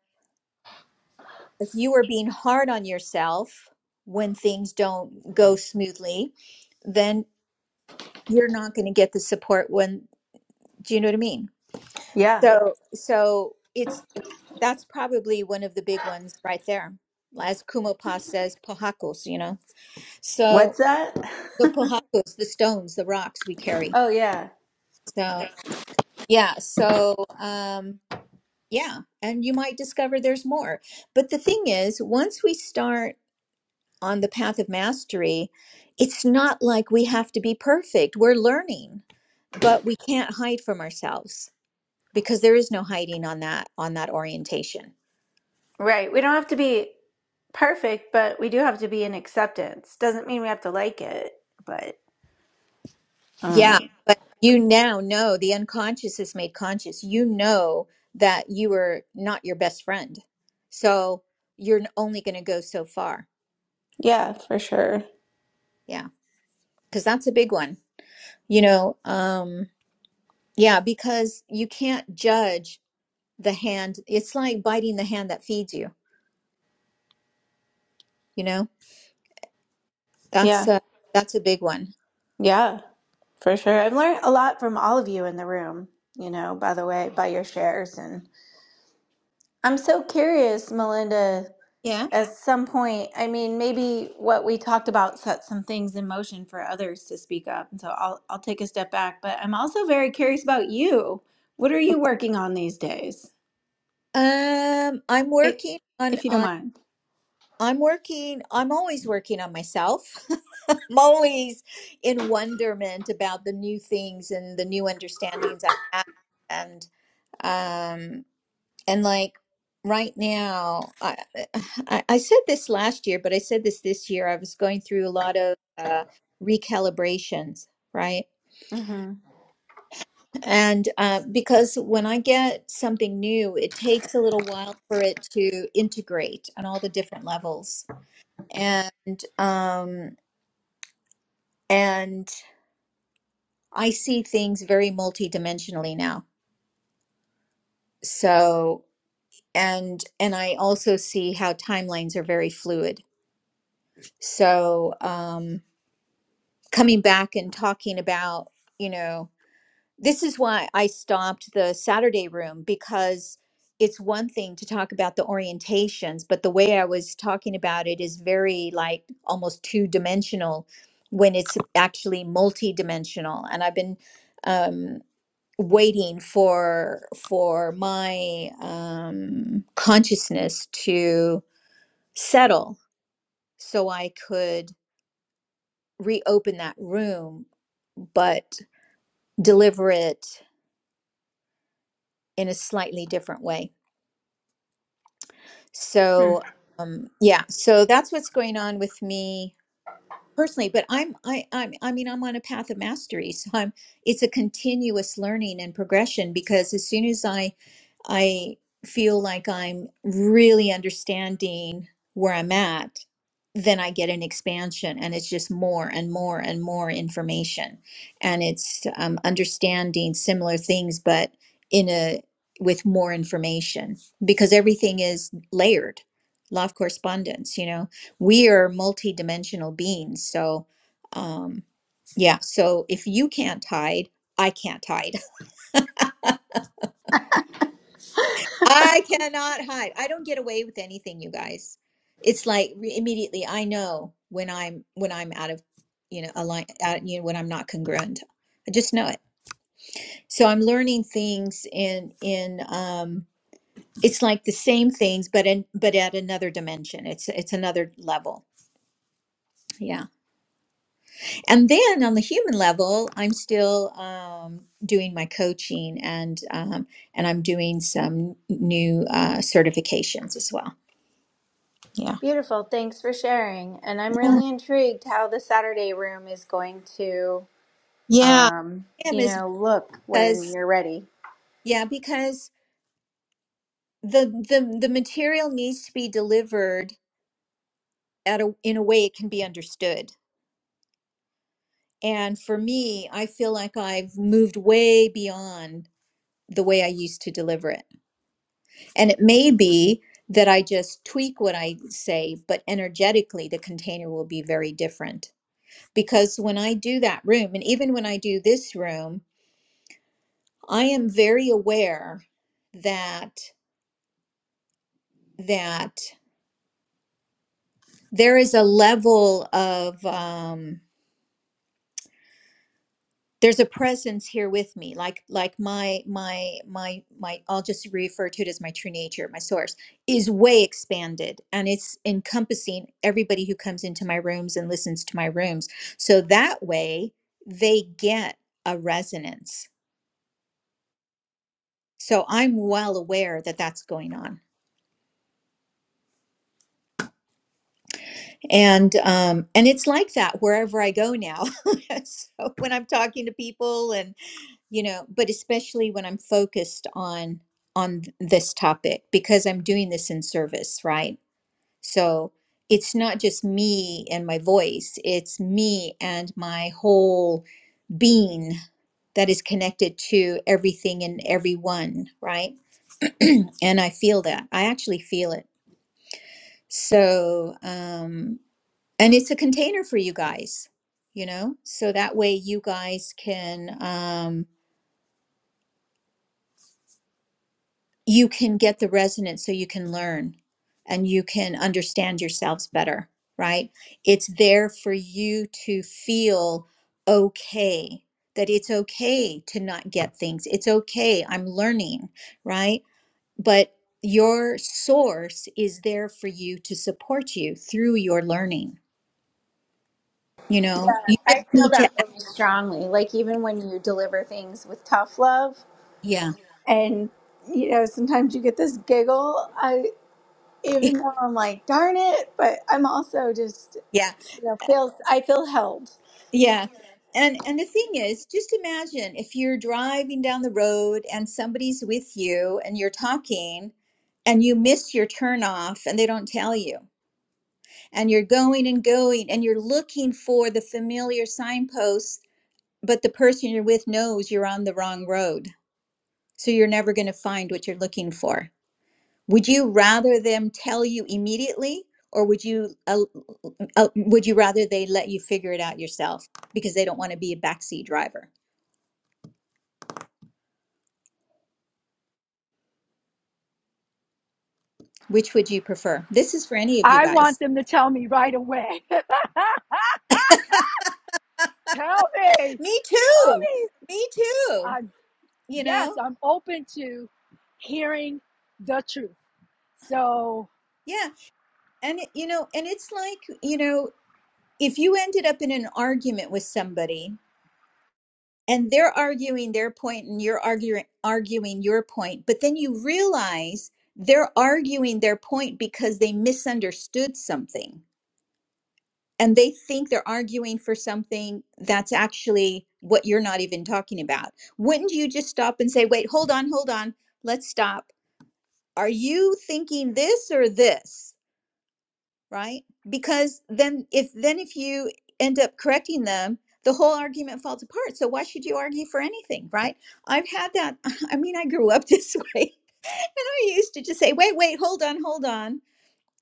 Speaker 2: if you are being hard on yourself when things don't go smoothly, then you're not going to get the support when do you know what I mean?
Speaker 1: Yeah.
Speaker 2: So so it's that's probably one of the big ones right there. As Kumopa says, pohakos, you know. So
Speaker 1: What's that?
Speaker 2: the pohakos, the stones, the rocks we carry.
Speaker 1: oh yeah.
Speaker 2: So. Yeah, so um yeah, and you might discover there's more. But the thing is, once we start on the path of mastery, it's not like we have to be perfect. We're learning, but we can't hide from ourselves because there is no hiding on that on that orientation.
Speaker 1: Right. We don't have to be perfect, but we do have to be in acceptance. Doesn't mean we have to like it, but um,
Speaker 2: Yeah, but you now know the unconscious is made conscious. You know that you are not your best friend. So you're only going to go so far.
Speaker 1: yeah, for sure.
Speaker 2: Yeah, because that's a big one. you know um yeah because you can't judge the hand it's like biting the hand that feeds you you know that's
Speaker 1: Yeah.
Speaker 2: a that's a big one
Speaker 1: Yeah, for sure. I've learned a lot from all of you in the room, you know, by the way, by your shares. And I'm so curious, Melinda,
Speaker 2: yeah
Speaker 1: at some point, I mean, maybe what we talked about set some things in motion for others to speak up. And so I'll I'll take a step back, but I'm also very curious about you. What are you working on these days?
Speaker 2: um i'm
Speaker 1: It,
Speaker 2: working on
Speaker 1: if you don't
Speaker 2: on
Speaker 1: mind.
Speaker 2: i'm working i'm always working on myself i'm always in wonderment about the new things and the new understandings i have and um, And like right now, I, I I said this last year, but I said this this year. I was going through a lot of uh, recalibrations, right?
Speaker 1: hmm
Speaker 2: And uh, because when I get something new, it takes a little while for it to integrate on all the different levels. And um, and I see things very multidimensionally now. So and and I also see how timelines are very fluid. So, um, coming back and talking about, you know, this is why I stopped the Saturday room because it's one thing to talk about the orientations, but the way I was talking about it is very like almost two dimensional when it's actually multi dimensional. And I've been um, waiting for for my um, consciousness to settle so I could reopen that room. But deliver it in a slightly different way.
Speaker 1: Hmm.
Speaker 2: So um, yeah, so that's what's going on with me personally. But I'm I I'm, I mean I'm on a path of mastery, so I'm it's a continuous learning and progression because as soon as I I feel like I'm really understanding where I'm at, then I get an expansion and it's just more and more and more information. And it's um, understanding similar things, but in a with more information because everything is layered. Law of correspondence, you know, we are multidimensional beings. So, um, yeah, so if you can't hide, I can't hide. I cannot hide. I don't get away with anything, you guys. It's like re- immediately I know when I'm when I'm out of you know align out, you know when I'm not congruent. I just know it. So I'm learning things in in um it's like the same things but in but at another dimension. It's it's another level. Yeah. And then on the human level, I'm still um doing my coaching and um and I'm doing some new uh certifications as well. Yeah.
Speaker 1: Beautiful. Thanks for sharing. And I'm really intrigued how the Saturday room is going to,
Speaker 2: Yeah,
Speaker 1: um,
Speaker 2: I am
Speaker 1: you
Speaker 2: is
Speaker 1: know, look when
Speaker 2: because
Speaker 1: you're ready.
Speaker 2: yeah, because the the the material needs to be delivered at a in a way it can be understood. And for me, I feel like I've moved way beyond the way I used to deliver it. And it may be that I just tweak what I say, but energetically the container will be very different. Because when I do that room, and even when I do this room, I am very aware that that there is a level of um there's a presence here with me like like my my my my i'll just refer to it as my true nature my source is way expanded and it's encompassing everybody who comes into my rooms and listens to my rooms so that way they get a resonance so i'm well aware that that's going on and um and it's like that wherever i go now so when i'm talking to people and you know but especially when i'm focused on on this topic because i'm doing this in service right so it's not just me and my voice it's me and my whole being that is connected to everything and everyone right and i feel that i actually feel it so um and it's a container for you guys you know so that way you guys can um, you can get the resonance so you can learn and you can understand yourselves better, right? It's there for you to feel okay, that it's okay to not get things. It's okay, I'm learning, right? But your source is there for you to support you through your learning. You know,
Speaker 1: Yeah,
Speaker 2: you just
Speaker 1: I feel
Speaker 2: need to,
Speaker 1: that really strongly. Like even when you deliver things with tough love
Speaker 2: yeah,
Speaker 1: and you know sometimes you get this giggle i even though i'm like darn it but i'm also just
Speaker 2: yeah.
Speaker 1: you know feel i feel held
Speaker 2: Yeah. And and the thing is, just imagine if you're driving down the road and somebody's with you and you're talking and you miss your turn off and they don't tell you. And you're going and going and you're looking for the familiar signposts, but the person you're with knows you're on the wrong road. So you're never going to find what you're looking for. Would you rather them tell you immediately or would you uh, uh, would you rather they let you figure it out yourself because they don't want to be a backseat driver? Which would you prefer? This is for any of you
Speaker 3: I want
Speaker 2: guys.
Speaker 3: them to tell me right away. tell me, tell
Speaker 2: Me too.
Speaker 3: me.
Speaker 2: Me too.
Speaker 3: I'm
Speaker 2: You
Speaker 3: yes,
Speaker 2: know?
Speaker 3: I'm open to hearing the truth. So
Speaker 2: Yeah. And, it- you know, and it's like, you know, if you ended up in an argument with somebody and they're arguing their point and you're arguing arguing your point, but then you realize they're arguing their point because they misunderstood something and they think they're arguing for something that's actually what you're not even talking about. Wouldn't you just stop and say, wait, hold on, hold on, let's stop. Are you thinking this or this? Right? Because then if then if you end up correcting them, the whole argument falls apart. So why should you argue for anything, right? I've had that. I mean, I grew up this way. And I used to just say, wait, wait, hold on, hold on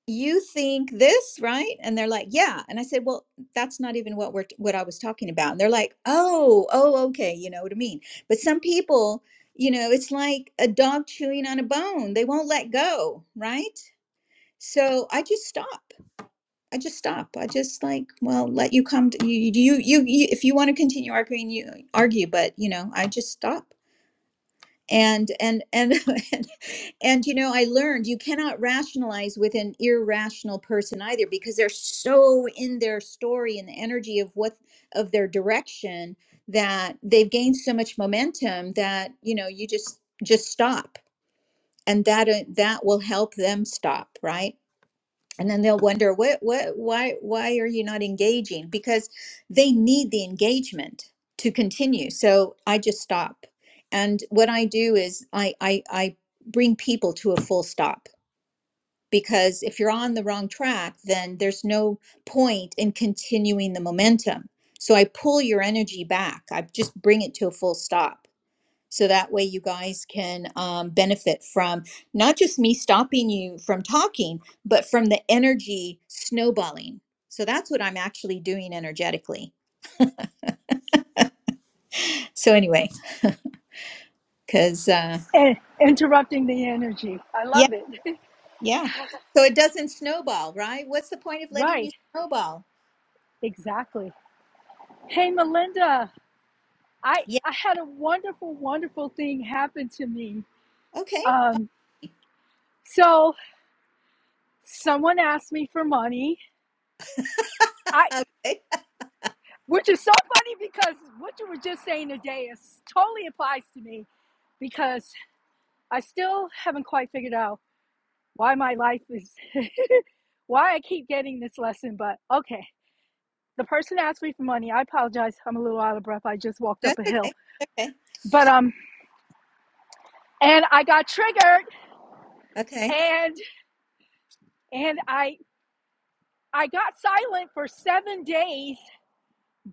Speaker 2: you think this right and they're like yeah and i said well that's not even what we're what i was talking about and they're like oh oh okay you know what i mean but some people you know it's like a dog chewing on a bone they won't let go right so i just stop i just stop i just like well let you come to, you, you you you if you want to continue arguing you argue but you know i just stop and and and and and you know, I learned you cannot rationalize with an irrational person either because they're so in their story and the energy of what of their direction that they've gained so much momentum that, you know, you just just stop and that uh, that will help them stop, right? and then they'll wonder what what why why are you not engaging because they need the engagement to continue so i just stop and what i do is i i, I bring people to a full stop because if you're on the wrong track then there's no point in continuing the momentum so i pull your energy back i just bring it to a full stop so that way you guys can um, benefit from not just me stopping you from talking, but from the energy snowballing. So that's what I'm actually doing energetically. So anyway, because uh,
Speaker 3: eh, interrupting the energy. I
Speaker 2: yeah,
Speaker 3: love it.
Speaker 2: yeah. So it doesn't snowball, right? What's the point of letting you
Speaker 3: right,
Speaker 2: snowball?
Speaker 3: exactly. Hey, Melinda, I
Speaker 2: Yeah.
Speaker 3: I had a wonderful, wonderful thing happen to me.
Speaker 2: Okay.
Speaker 3: Um, so someone asked me for money. I,
Speaker 2: Okay.
Speaker 3: which is so funny because what you were just saying today is totally applies to me because I still haven't quite figured out why my life is why I keep getting this lesson, but okay. The person asked me for money. I apologize. I'm a little out of breath. I just walked up
Speaker 2: That's
Speaker 3: a hill.
Speaker 2: okay. Okay.
Speaker 3: But um and I got triggered
Speaker 2: Okay.
Speaker 3: and and I I got silent for 7 days,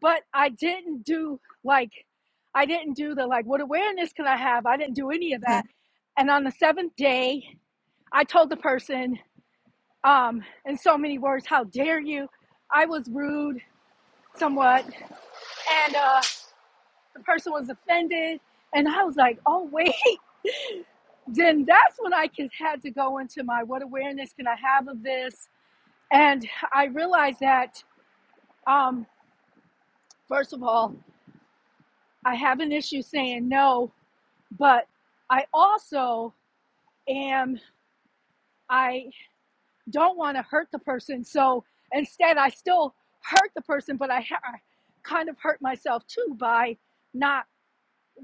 Speaker 3: but I didn't do like I didn't do the like what awareness can I have? I didn't do any of
Speaker 2: Uh-huh.
Speaker 3: that. And on the 7th day, I told the person um, in so many words. How dare you? I was rude somewhat, and uh, the person was offended. And I was like, oh, wait. Then that's when I could, had to go into my what awareness can I have of this? And I realized that, um, first of all, I have an issue saying no, but I also am, I don't want to hurt the person. So instead, I still hurt the person, but I, ha- I kind of hurt myself too by not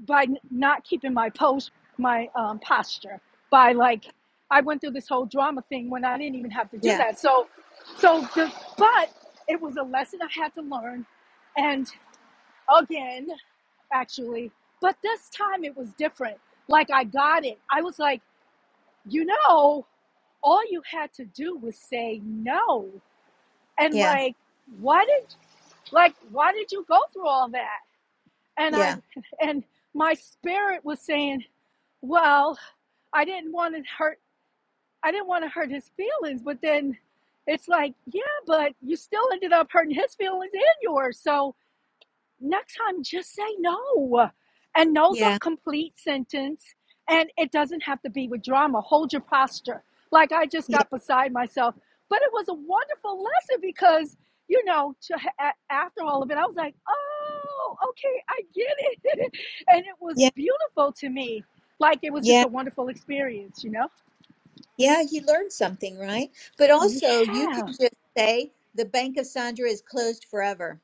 Speaker 3: by not keeping my post my um, posture by like i went through this whole drama thing when i didn't even have to do
Speaker 2: Yeah.
Speaker 3: that so so the but it was a lesson i had to learn and again actually but this time it was different like i got it i was like you know all you had to do was say no and
Speaker 2: Yeah.
Speaker 3: like why did like why did you go through all that and i
Speaker 2: Yeah.
Speaker 3: and my spirit was saying well I didn't want to hurt I didn't want to hurt his feelings, but then it's like, yeah, but you still ended up hurting his feelings and yours. So next time just say no. And no's a
Speaker 2: Yeah.
Speaker 3: complete sentence and it doesn't have to be with drama. Hold your posture. Like I just
Speaker 2: Yeah.
Speaker 3: got beside myself. But it was a wonderful lesson because, you know, to, after all of it, I was like, oh, okay, I get it. and it was
Speaker 2: Yeah.
Speaker 3: beautiful to me. Like it was
Speaker 2: Yeah.
Speaker 3: just a wonderful experience, you know?
Speaker 2: Yeah, you learned something, right? But
Speaker 3: Yeah.
Speaker 2: also, you can just say the Bank of Sandra is closed forever.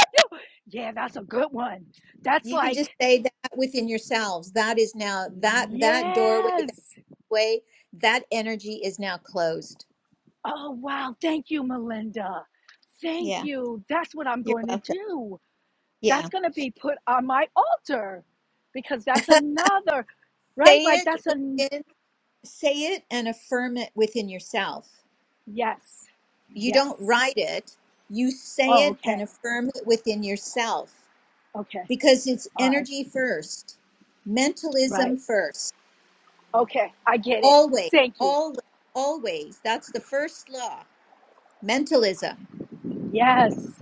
Speaker 3: No, Yeah, that's a good one. That's
Speaker 2: You can just
Speaker 3: like,
Speaker 2: say that within yourselves. That is now that that doorway, that
Speaker 3: yes.
Speaker 2: way, that energy is now closed.
Speaker 3: Oh, wow. Thank you, Melinda. Thank
Speaker 2: Yeah,
Speaker 3: you. That's what I'm
Speaker 2: you're
Speaker 3: going to
Speaker 2: welcome.
Speaker 3: do.
Speaker 2: Yeah,
Speaker 3: That's going to be put on my altar because that's another, right?
Speaker 2: say
Speaker 3: Like,
Speaker 2: it
Speaker 3: that's an,
Speaker 2: within, say it and affirm it within yourself.
Speaker 3: yes,
Speaker 2: You don't
Speaker 3: yes.
Speaker 2: write it. You say
Speaker 3: Oh,
Speaker 2: it and
Speaker 3: okay.
Speaker 2: affirm it within yourself
Speaker 3: Okay.
Speaker 2: because it's
Speaker 3: All right.
Speaker 2: energy first, mentalism
Speaker 3: Right.
Speaker 2: first.
Speaker 3: Okay. I get it.
Speaker 2: Always,
Speaker 3: Thank you.
Speaker 2: always, always. That's the first law. Mentalism.
Speaker 3: Yes.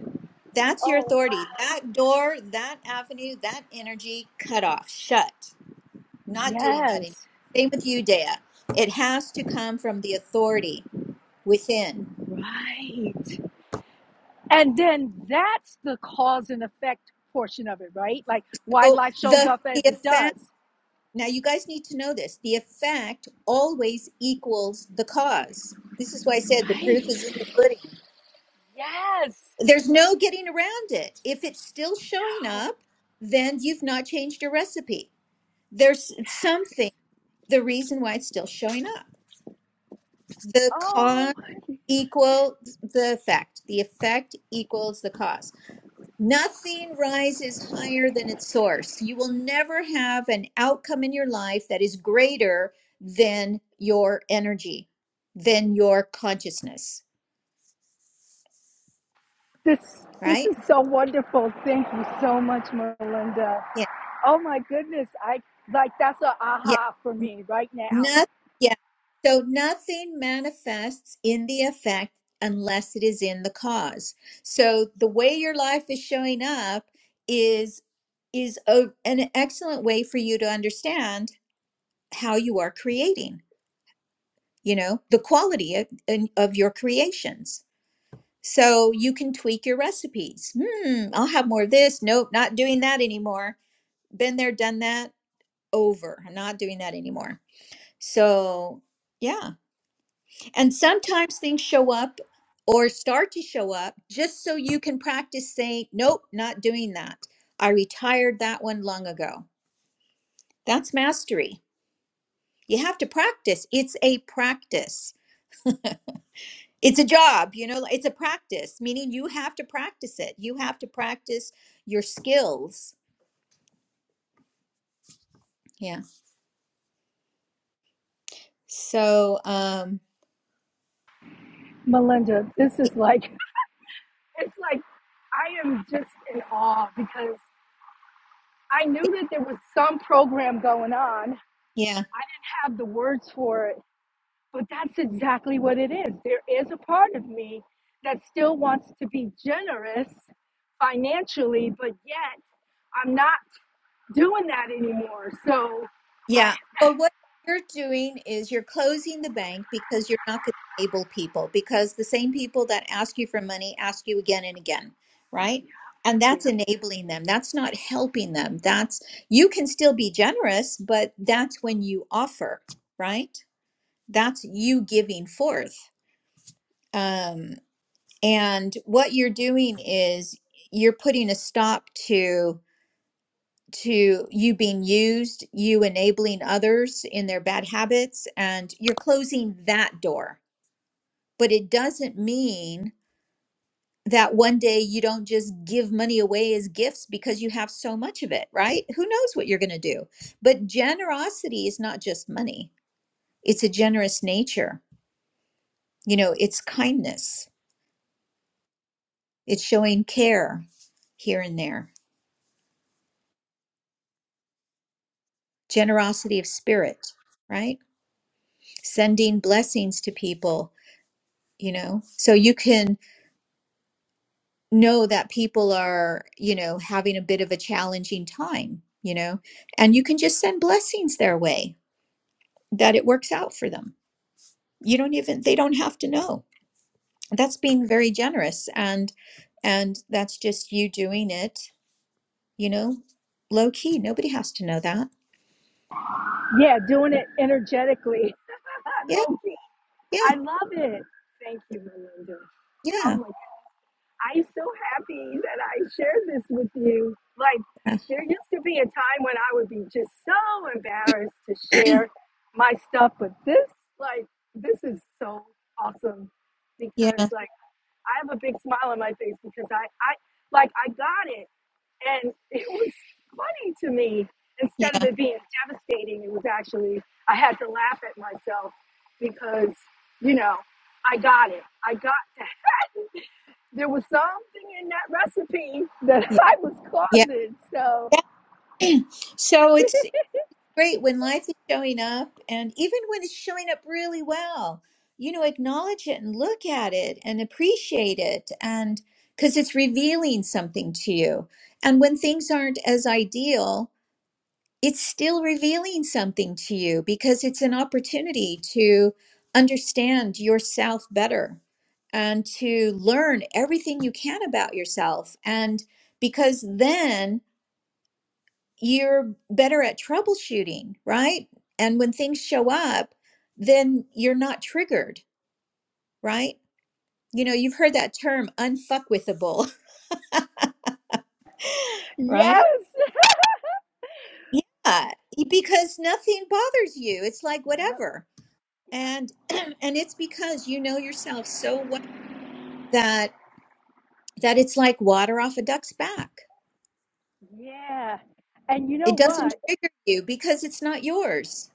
Speaker 2: That's your
Speaker 3: Oh,
Speaker 2: authority.
Speaker 3: wow.
Speaker 2: That door, that avenue, that energy cut off, shut. Not doing that anymore.
Speaker 3: Yes.
Speaker 2: Same with you, Dea. It has to come from the authority within.
Speaker 3: Right. And then that's the cause and effect portion of it, right? Like why
Speaker 2: So
Speaker 3: life shows
Speaker 2: the
Speaker 3: up
Speaker 2: the
Speaker 3: as it
Speaker 2: effect
Speaker 3: does.
Speaker 2: now you guys need to know this. The effect always equals the cause. This is why I said the proof
Speaker 3: Right.
Speaker 2: is in the pudding.
Speaker 3: Yes.
Speaker 2: There's no getting around it. If it's still showing
Speaker 3: Oh,
Speaker 2: up, then you've not changed your recipe. There's something, the reason why it's still showing up. The
Speaker 3: oh
Speaker 2: cause
Speaker 3: my.
Speaker 2: equal the effect. The effect equals the cause. Nothing rises higher than its source. You will never have an outcome in your life that is greater than your energy, than your consciousness,
Speaker 3: This this
Speaker 2: right?
Speaker 3: is so wonderful. Thank you so much, Melinda.
Speaker 2: Yeah.
Speaker 3: Oh my goodness. I like that's an
Speaker 2: yeah.
Speaker 3: aha for me right now.
Speaker 2: Not, yeah. So nothing manifests in the effect unless it is in the cause. So the way your life is showing up is is a, an excellent way for you to understand how you are creating, you know, the quality of, in- of your creations. So you can tweak your recipes. Hmm, I'll have more of this. Nope, not doing that anymore. Been there, done that. Over. I'm not doing that anymore. So, yeah. And sometimes things show up or start to show up just so you can practice saying, nope, not doing that. I retired that one long ago. That's mastery. You have to practice. It's a practice. It's a job, you know, it's a practice, meaning you have to practice it. You have to practice your skills. Yeah. So, um,
Speaker 3: Melinda, this is like it's like I am just in awe because I knew that there was some program going on. I
Speaker 2: yeah,
Speaker 3: didn't have the words for it But that's exactly what it is. There is a part of me that still wants to be generous financially, but yet I'm not doing that anymore. So
Speaker 2: Yeah.
Speaker 3: I,
Speaker 2: Well, what you're doing is you're closing the bank because you're not going to enable people because the same people that ask you for money ask you again and again, right? And
Speaker 3: yeah,
Speaker 2: that's enabling them. That's not helping them. That's you can still be generous, but that's when you offer, right? That's you giving forth. Um, and what you're doing is you're putting a stop to to you being used, you enabling others in their bad habits, and you're closing that door. But it doesn't mean that one day you don't just give money away as gifts because you have so much of it, right? Who knows what you're going to do? But generosity is not just money, it's a generous nature. You know, it's kindness, it's showing care here and there, generosity of spirit, right? Sending blessings to people, you know, so you can know that people are, you know, having a bit of a challenging time, you know, and you can just send blessings their way that it works out for them. You don't even, they don't have to know. That's being very generous. And, and that's just you doing it, you know, low key. Nobody has to know that.
Speaker 3: yeah, doing it energetically.
Speaker 2: Yeah.
Speaker 3: Low key.
Speaker 2: Yeah.
Speaker 3: I love it. Thank you, Melinda. Oh
Speaker 2: Yeah.
Speaker 3: my I'm so happy that I shared this with you. Like,
Speaker 2: Yeah.
Speaker 3: there used to be a time when I would be just so embarrassed to share my stuff, but this, like, this is so awesome
Speaker 2: Yeah.
Speaker 3: because, like, I have a big smile on my face because I, I, like, I got it and it was funny to me. Instead of
Speaker 2: Yeah.
Speaker 3: it being devastating, it was actually, I had to laugh at myself because, you know, I got it. I got that. There was something in that recipe that I was
Speaker 2: Yeah.
Speaker 3: causing. So,
Speaker 2: Yeah. So it's great when life is showing up and even when it's showing up really well you know acknowledge it and look at it and appreciate it and because it's revealing something to you and when things aren't as ideal it's still revealing something to you because it's an opportunity to understand yourself better and to learn everything you can about yourself and because then you're better at troubleshooting, right? And when things show up, then you're not triggered, right? You know, you've heard that term unfuckwithable,
Speaker 3: yes.
Speaker 2: right? Yeah, because nothing bothers you. It's like
Speaker 3: Yep.
Speaker 2: whatever. And and it's because you know yourself so well that that it's like water off a duck's back.
Speaker 3: Yep. Yeah. And you know
Speaker 2: It doesn't
Speaker 3: what?
Speaker 2: trigger you because it's not yours.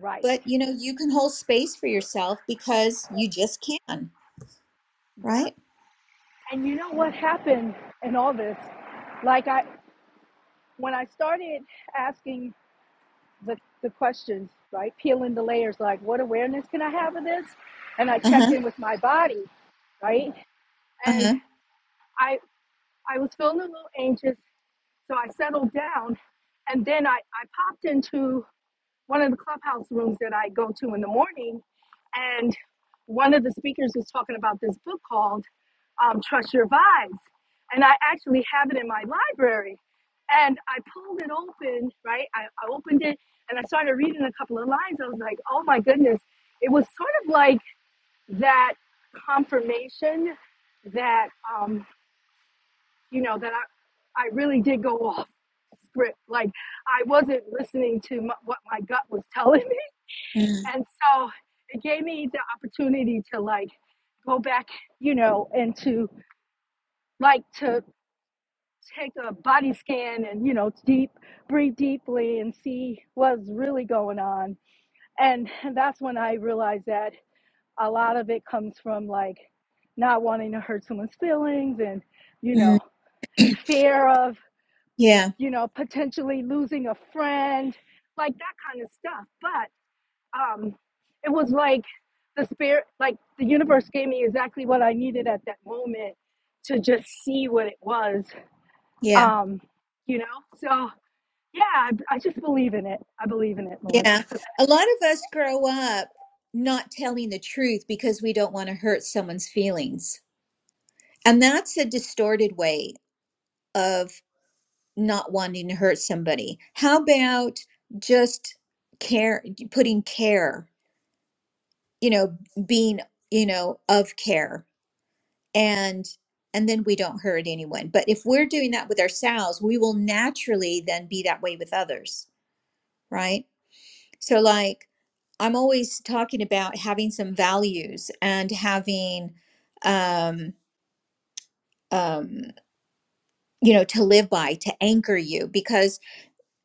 Speaker 3: Right.
Speaker 2: But you know, you can hold space for yourself because you just can, right?
Speaker 3: Yep. And you know what happened in all this? Like I when I started asking the the questions, right? Peeling the layers like what awareness can I have of this? And I checked
Speaker 2: Uh-huh.
Speaker 3: in with my body, right?
Speaker 2: Uh-huh.
Speaker 3: And I I was feeling a little anxious, so I settled down and then I, I popped into one of the clubhouse rooms that I go to in the morning, and one of the speakers was talking about this book called um, Trust Your Vibes. And I actually have it in my library. And I pulled it open, right? I, I opened it and I started reading a couple of lines. I was like, oh my goodness. It was sort of like that confirmation that, um, you know, that I, I really did go off script. Like I wasn't listening to my, what my gut was telling me
Speaker 2: Mm,
Speaker 3: and so it gave me the opportunity to like go back, you know, and to like to take a body scan and, you know, deep, breathe deeply and see what's really going on. And that's when I realized that a lot of it comes from like not wanting to hurt someone's feelings and, you
Speaker 2: mm.
Speaker 3: know, fear of,
Speaker 2: Yeah,
Speaker 3: you know, potentially losing a friend, like that kind of stuff. But um, it was like the spirit, like the universe gave me exactly what I needed at that moment to just see what it was.
Speaker 2: yeah,
Speaker 3: Um, you know, so yeah, I, I just believe in it. I believe in it, Melinda.
Speaker 2: yeah. A lot of us grow up not telling the truth because we don't want to hurt someone's feelings. And that's a distorted way of not wanting to hurt somebody. How about just care, putting care, you know, being, you know, of care and and then we don't hurt anyone. But if we're doing that with ourselves, we will naturally then be that way with others, right? So, like, I'm always talking about having some values and having, um, um, you know, to live by, to anchor you, because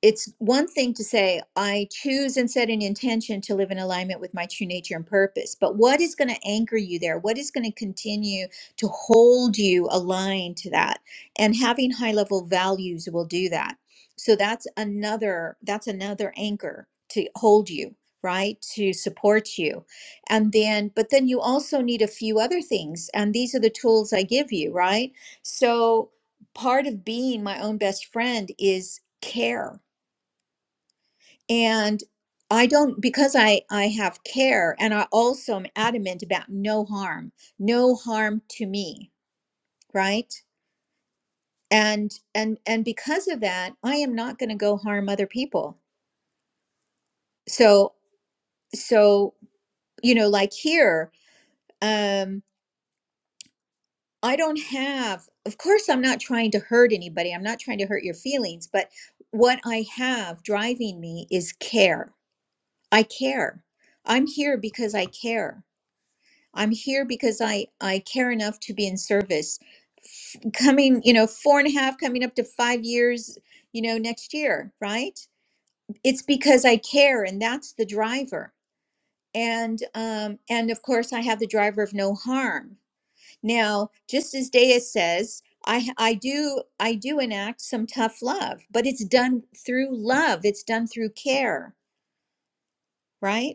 Speaker 2: it's one thing to say, I choose and set an intention to live in alignment with my true nature and purpose. But what is going to anchor you there? What is going to continue to hold you aligned to that? And having high level values will do that. So that's another, that's another anchor to hold you, right? To support you. And then, but then you also need a few other things. And these are the tools I give you, right? So part of being my own best friend is care and i don't because i i have care and i also am adamant about no harm no harm to me right and and and because of that i am not going to go harm other people so so you know like here um i don't have of course i'm not trying to hurt anybody i'm not trying to hurt your feelings but what i have driving me is care i care i'm here because i care I'm here because I I care enough to be in service. F- Coming, you know, four and a half, coming up to five years, you know, next year, right? It's because I care, and that's the driver. And um, and of course, I have the driver of no harm. Now, just as Dea says, I I do I do enact some tough love, but it's done through love. It's done through care, right?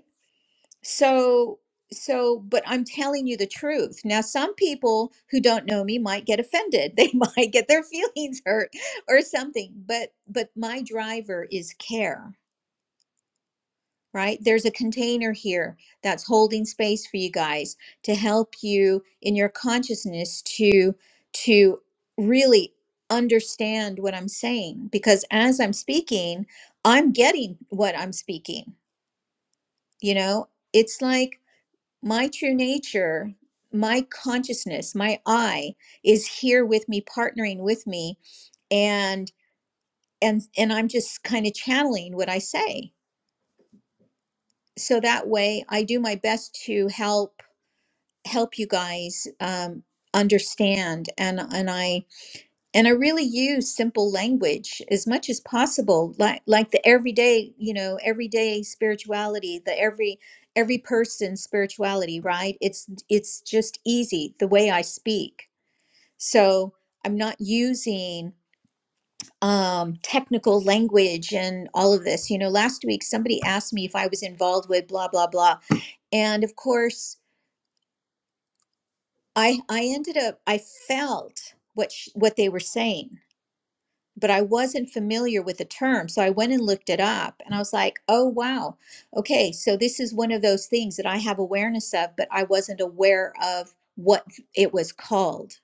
Speaker 2: So, so, but I'm telling you the truth. Now, some people who don't know me might get offended. They might get their feelings hurt or something. But, but my driver is care, right? There's a container here that's holding space for you guys to help you in your consciousness to, to really understand what I'm saying. Because as I'm speaking, I'm getting what I'm speaking. You know, it's like, my true nature, my consciousness, my I is here with me, partnering with me, and and and I'm just kind of channeling what I say. So that way, I do my best to help help you guys um, understand, and and I and i really use simple language as much as possible like like the everyday you know everyday spirituality the every every person spirituality right it's it's just easy the way i speak so i'm not using um technical language and all of this you know last week somebody asked me if i was involved with blah blah blah and of course i i ended up i felt what sh- what they were saying but I wasn't familiar with the term. So I went and looked it up and I was like, oh, wow. Okay. So this is one of those things that I have awareness of, but I wasn't aware of what it was called.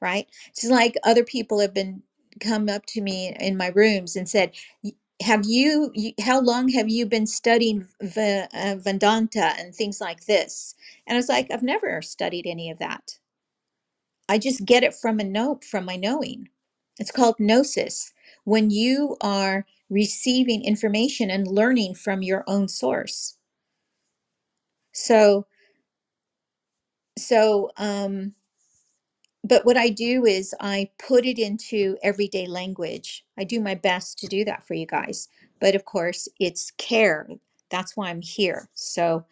Speaker 2: Right. It's just like other people have been come up to me in my rooms and said, "Y- have you, you how long have you been studying v- uh, Vedanta and things like this? And I was like, I've never studied any of that I just get it from a note from my knowing. It's called gnosis. When you are receiving information and learning from your own source. So so um but what I do is I put it into everyday language. I do my best to do that for you guys. But of course, it's care. That's why I'm here. So,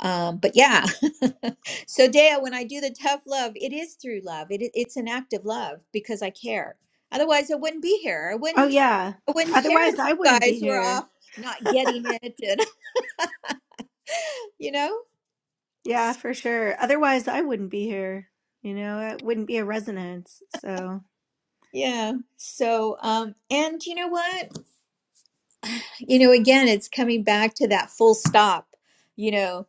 Speaker 2: um, but yeah. so, Dea, when I do the tough love, it is through love. It, it's an act of love because I care. Otherwise, I wouldn't be here. I
Speaker 1: Oh,
Speaker 2: wouldn't.
Speaker 1: yeah.
Speaker 2: I wouldn't care
Speaker 1: Otherwise,
Speaker 2: if you
Speaker 1: I wouldn't be
Speaker 2: guys were
Speaker 1: here.
Speaker 2: off not getting it, and you know.
Speaker 1: Yeah, for sure. Otherwise, I wouldn't be here. You know, it wouldn't be a resonance. So
Speaker 2: Yeah. So, um, and you know what? you know again it's coming back to that full stop you know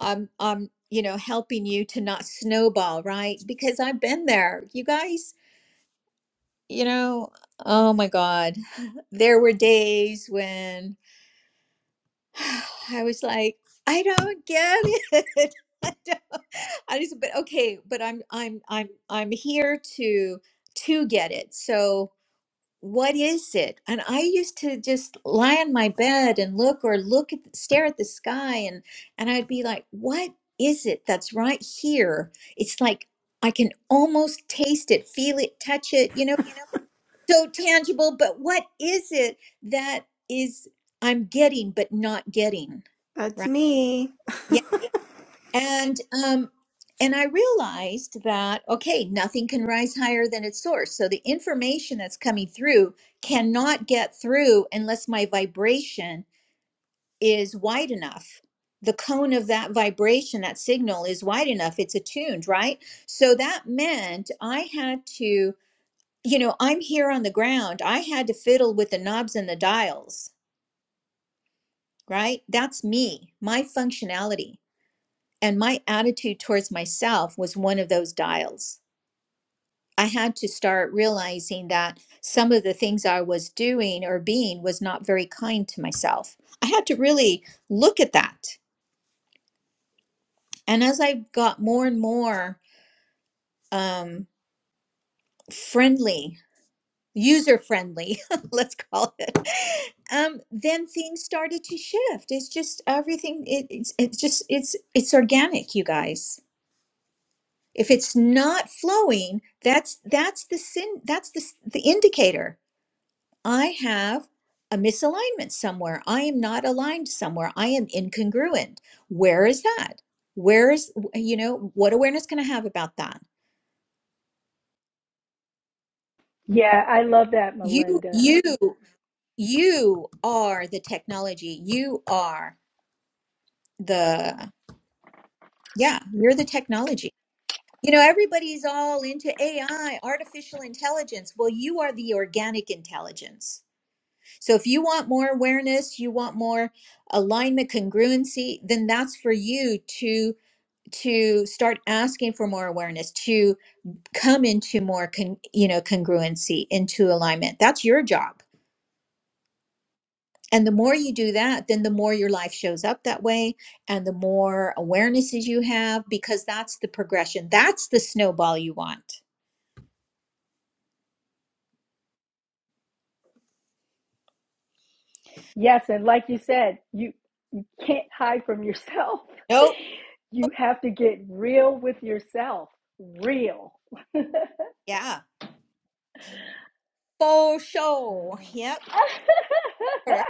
Speaker 2: i'm i'm you know helping you to not snowball right because i've been there you guys you know oh my god there were days when i was like i don't get it I, don't, I just but okay but i'm i'm i'm i'm here to to get it so what is it? And I used to just lie on my bed and look or look at stare at the sky and and I'd be like, what is it that's right here? It's like I can almost taste it, feel it, touch it, you know, so tangible, but what is it that is I'm getting but not getting?
Speaker 1: that's
Speaker 2: Right?
Speaker 1: me.
Speaker 2: And um, and I realized that okay, nothing can rise higher than its source. So the information that's coming through cannot get through unless my vibration is wide enough. The cone of that vibration, that signal is wide enough. It's attuned, right? So that meant I had to, you know, I'm here on the ground. I had to fiddle with the knobs and the dials, right? That's me, my functionality And my attitude towards myself was one of those dials. I had to start realizing that some of the things I was doing or being was not very kind to myself. I had to really look at that. And as I got more and more um, friendly, user friendly, let's call it, um, then things started to shift. It's just everything. It, it's, it's just it's it's organic, you guys. if it's not flowing that's that's the sin that's the, s- the indicator i have a misalignment somewhere i am not aligned somewhere i am incongruent where is that where is you know what awareness can i have about that
Speaker 3: Yeah, I love that,
Speaker 2: you
Speaker 3: Melinda.
Speaker 2: you you are the technology you are the yeah you're the technology you know everybody's all into ai artificial intelligence well you are the organic intelligence So if you want more awareness, you want more alignment, congruency, then that's for you to to start asking for more awareness, to come into more con, you know congruency, into alignment. That's your job. And the more you do that, then the more your life shows up that way and the more awarenesses you have because that's the progression. That's the snowball you want.
Speaker 3: Yes, and like you said, you can't hide from yourself.
Speaker 2: Nope.
Speaker 3: You have to get real with yourself. Real.
Speaker 2: Yeah. For
Speaker 3: Um,
Speaker 2: sure. Yep. Sure.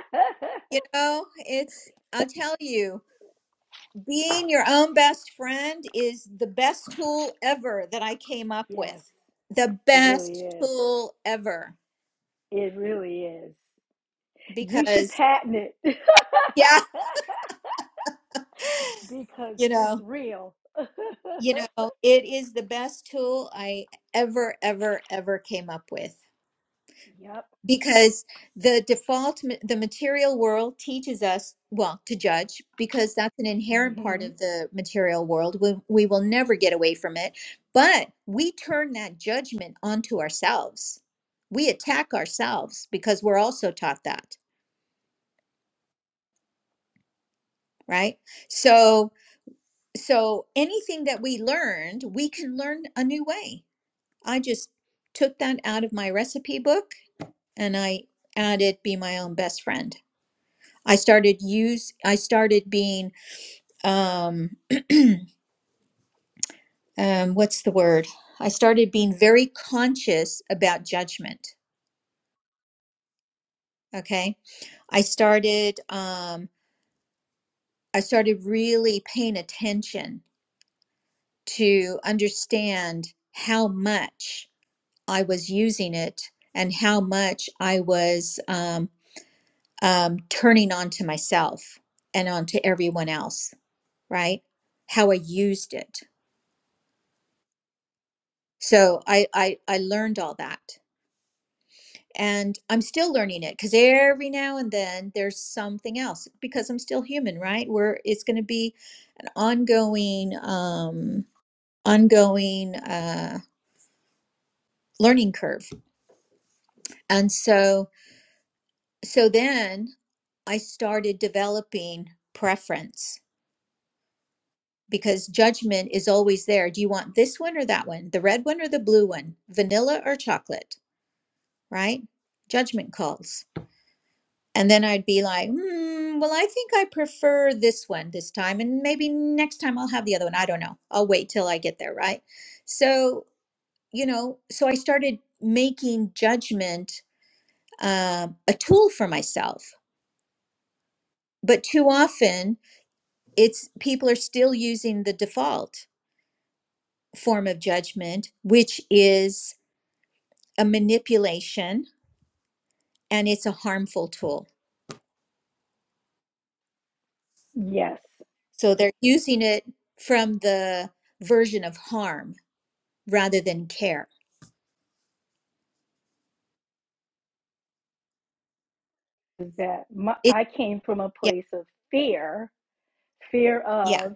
Speaker 2: You know, it's I'll tell you. Being your own best friend is the best tool ever that I came up
Speaker 3: yes,
Speaker 2: with. The
Speaker 3: it really
Speaker 2: best
Speaker 3: is.
Speaker 2: tool ever
Speaker 3: It really is. You should
Speaker 2: because
Speaker 3: patent it
Speaker 2: yeah,
Speaker 3: because
Speaker 2: you
Speaker 3: it's
Speaker 2: know,
Speaker 3: real.
Speaker 2: you know, it is the best tool I ever ever ever came up with.
Speaker 3: yep.
Speaker 2: because the default ma- the material world teaches us well to judge because that's an inherent part
Speaker 3: hmm
Speaker 2: of the material world we, we will never get away from it but we turn that judgment onto ourselves we attack ourselves because we're also taught that right so so anything that we learned we can learn a new way i just took that out of my recipe book and i added be my own best friend I started use I started being um, um what's the word? I started being very conscious about judgment. Okay. I started um I started really paying attention to understand how much I was using it and how much I was um, um, turning on to myself and onto everyone else, right? How I used it. So I, I, I learned all that and I'm still learning it because every now and then there's something else because I'm still human, right? Where it's going to be an ongoing, um, ongoing uh, learning curve, and so so then I started developing preference because judgment is always there. Do you want this one or that one? The red one or the blue one? Vanilla or chocolate? Right? Judgment calls. And then I'd be like, hmm, well, I think I prefer this one this time. And maybe next time I'll have the other one. I don't know. I'll wait till I get there. Right. So, you know, so I started making judgment um, a tool for myself. But too often, it's people are still using the default form of judgment, which is a manipulation and it's a harmful tool.
Speaker 3: Yes.
Speaker 2: So they're using it from the version of harm rather than care.
Speaker 3: That my,
Speaker 2: It,
Speaker 3: I came from a
Speaker 2: yeah,
Speaker 3: place of fear fear
Speaker 2: yeah,
Speaker 3: of,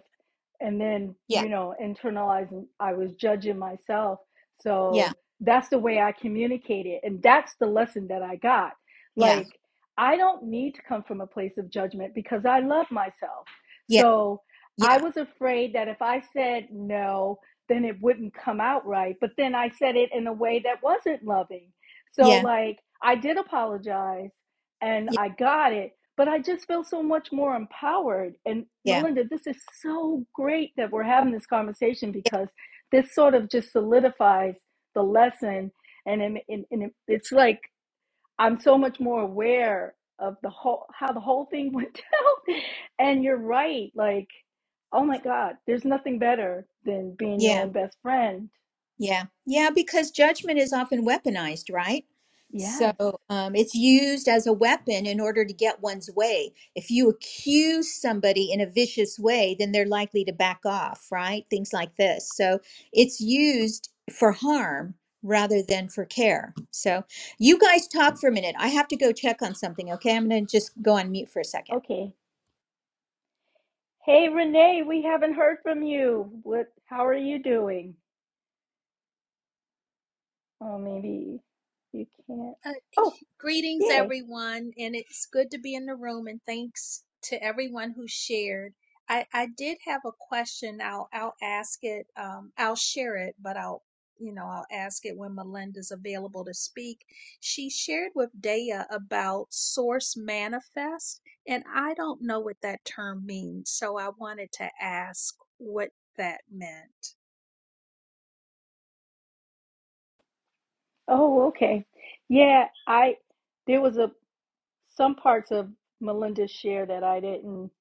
Speaker 3: and then,
Speaker 2: yeah,
Speaker 3: you know, internalizing, I was judging myself.
Speaker 2: yeah,
Speaker 3: So that's the way I communicated, And that's the lesson that I got.
Speaker 2: yeah,
Speaker 3: Like, I don't need to come from a place of judgment because I love myself. So
Speaker 2: yeah,
Speaker 3: I was afraid that if I said no, then it wouldn't come out right. But then I said it in a way that wasn't loving. So,
Speaker 2: yeah, yeah,
Speaker 3: like, I did apologize and
Speaker 2: yeah,
Speaker 3: I got it, but I just feel so much more empowered. And
Speaker 2: yeah, yeah,
Speaker 3: Melinda, this is so great that we're having this conversation because this sort of just solidifies the lesson. And, and, and it's like I'm so much more aware of the whole how the whole thing went down. And you're right, like, oh my God, there's nothing better than being your
Speaker 2: yeah,
Speaker 3: own best friend.
Speaker 2: yeah, yeah, because judgment is often weaponized, right? So
Speaker 3: Yes.
Speaker 2: um, it's used as a weapon in order to get one's way. If you accuse somebody in a vicious way, then they're likely to back off, right? Things like this. So it's used for harm rather than for care. So you guys talk for a minute. I have to go check on something, okay? I'm going to just go on mute for a second.
Speaker 3: Okay. Hey Renee, we haven't heard from you. What how are you doing? Oh, maybe you can't.
Speaker 4: Uh,
Speaker 3: Oh,
Speaker 4: greetings,
Speaker 3: yay.
Speaker 4: everyone, and it's good to be in the room. And thanks to everyone who shared. I, I did have a question. I'll I'll ask it. Um, I'll share it, but I'll you know I'll ask it when Melinda's available to speak. She shared with Daya about source manifest, and I don't know what that term means, so I wanted to ask what that meant.
Speaker 3: Oh, okay. Yeah, I there was a some parts of Melinda's share that I didn't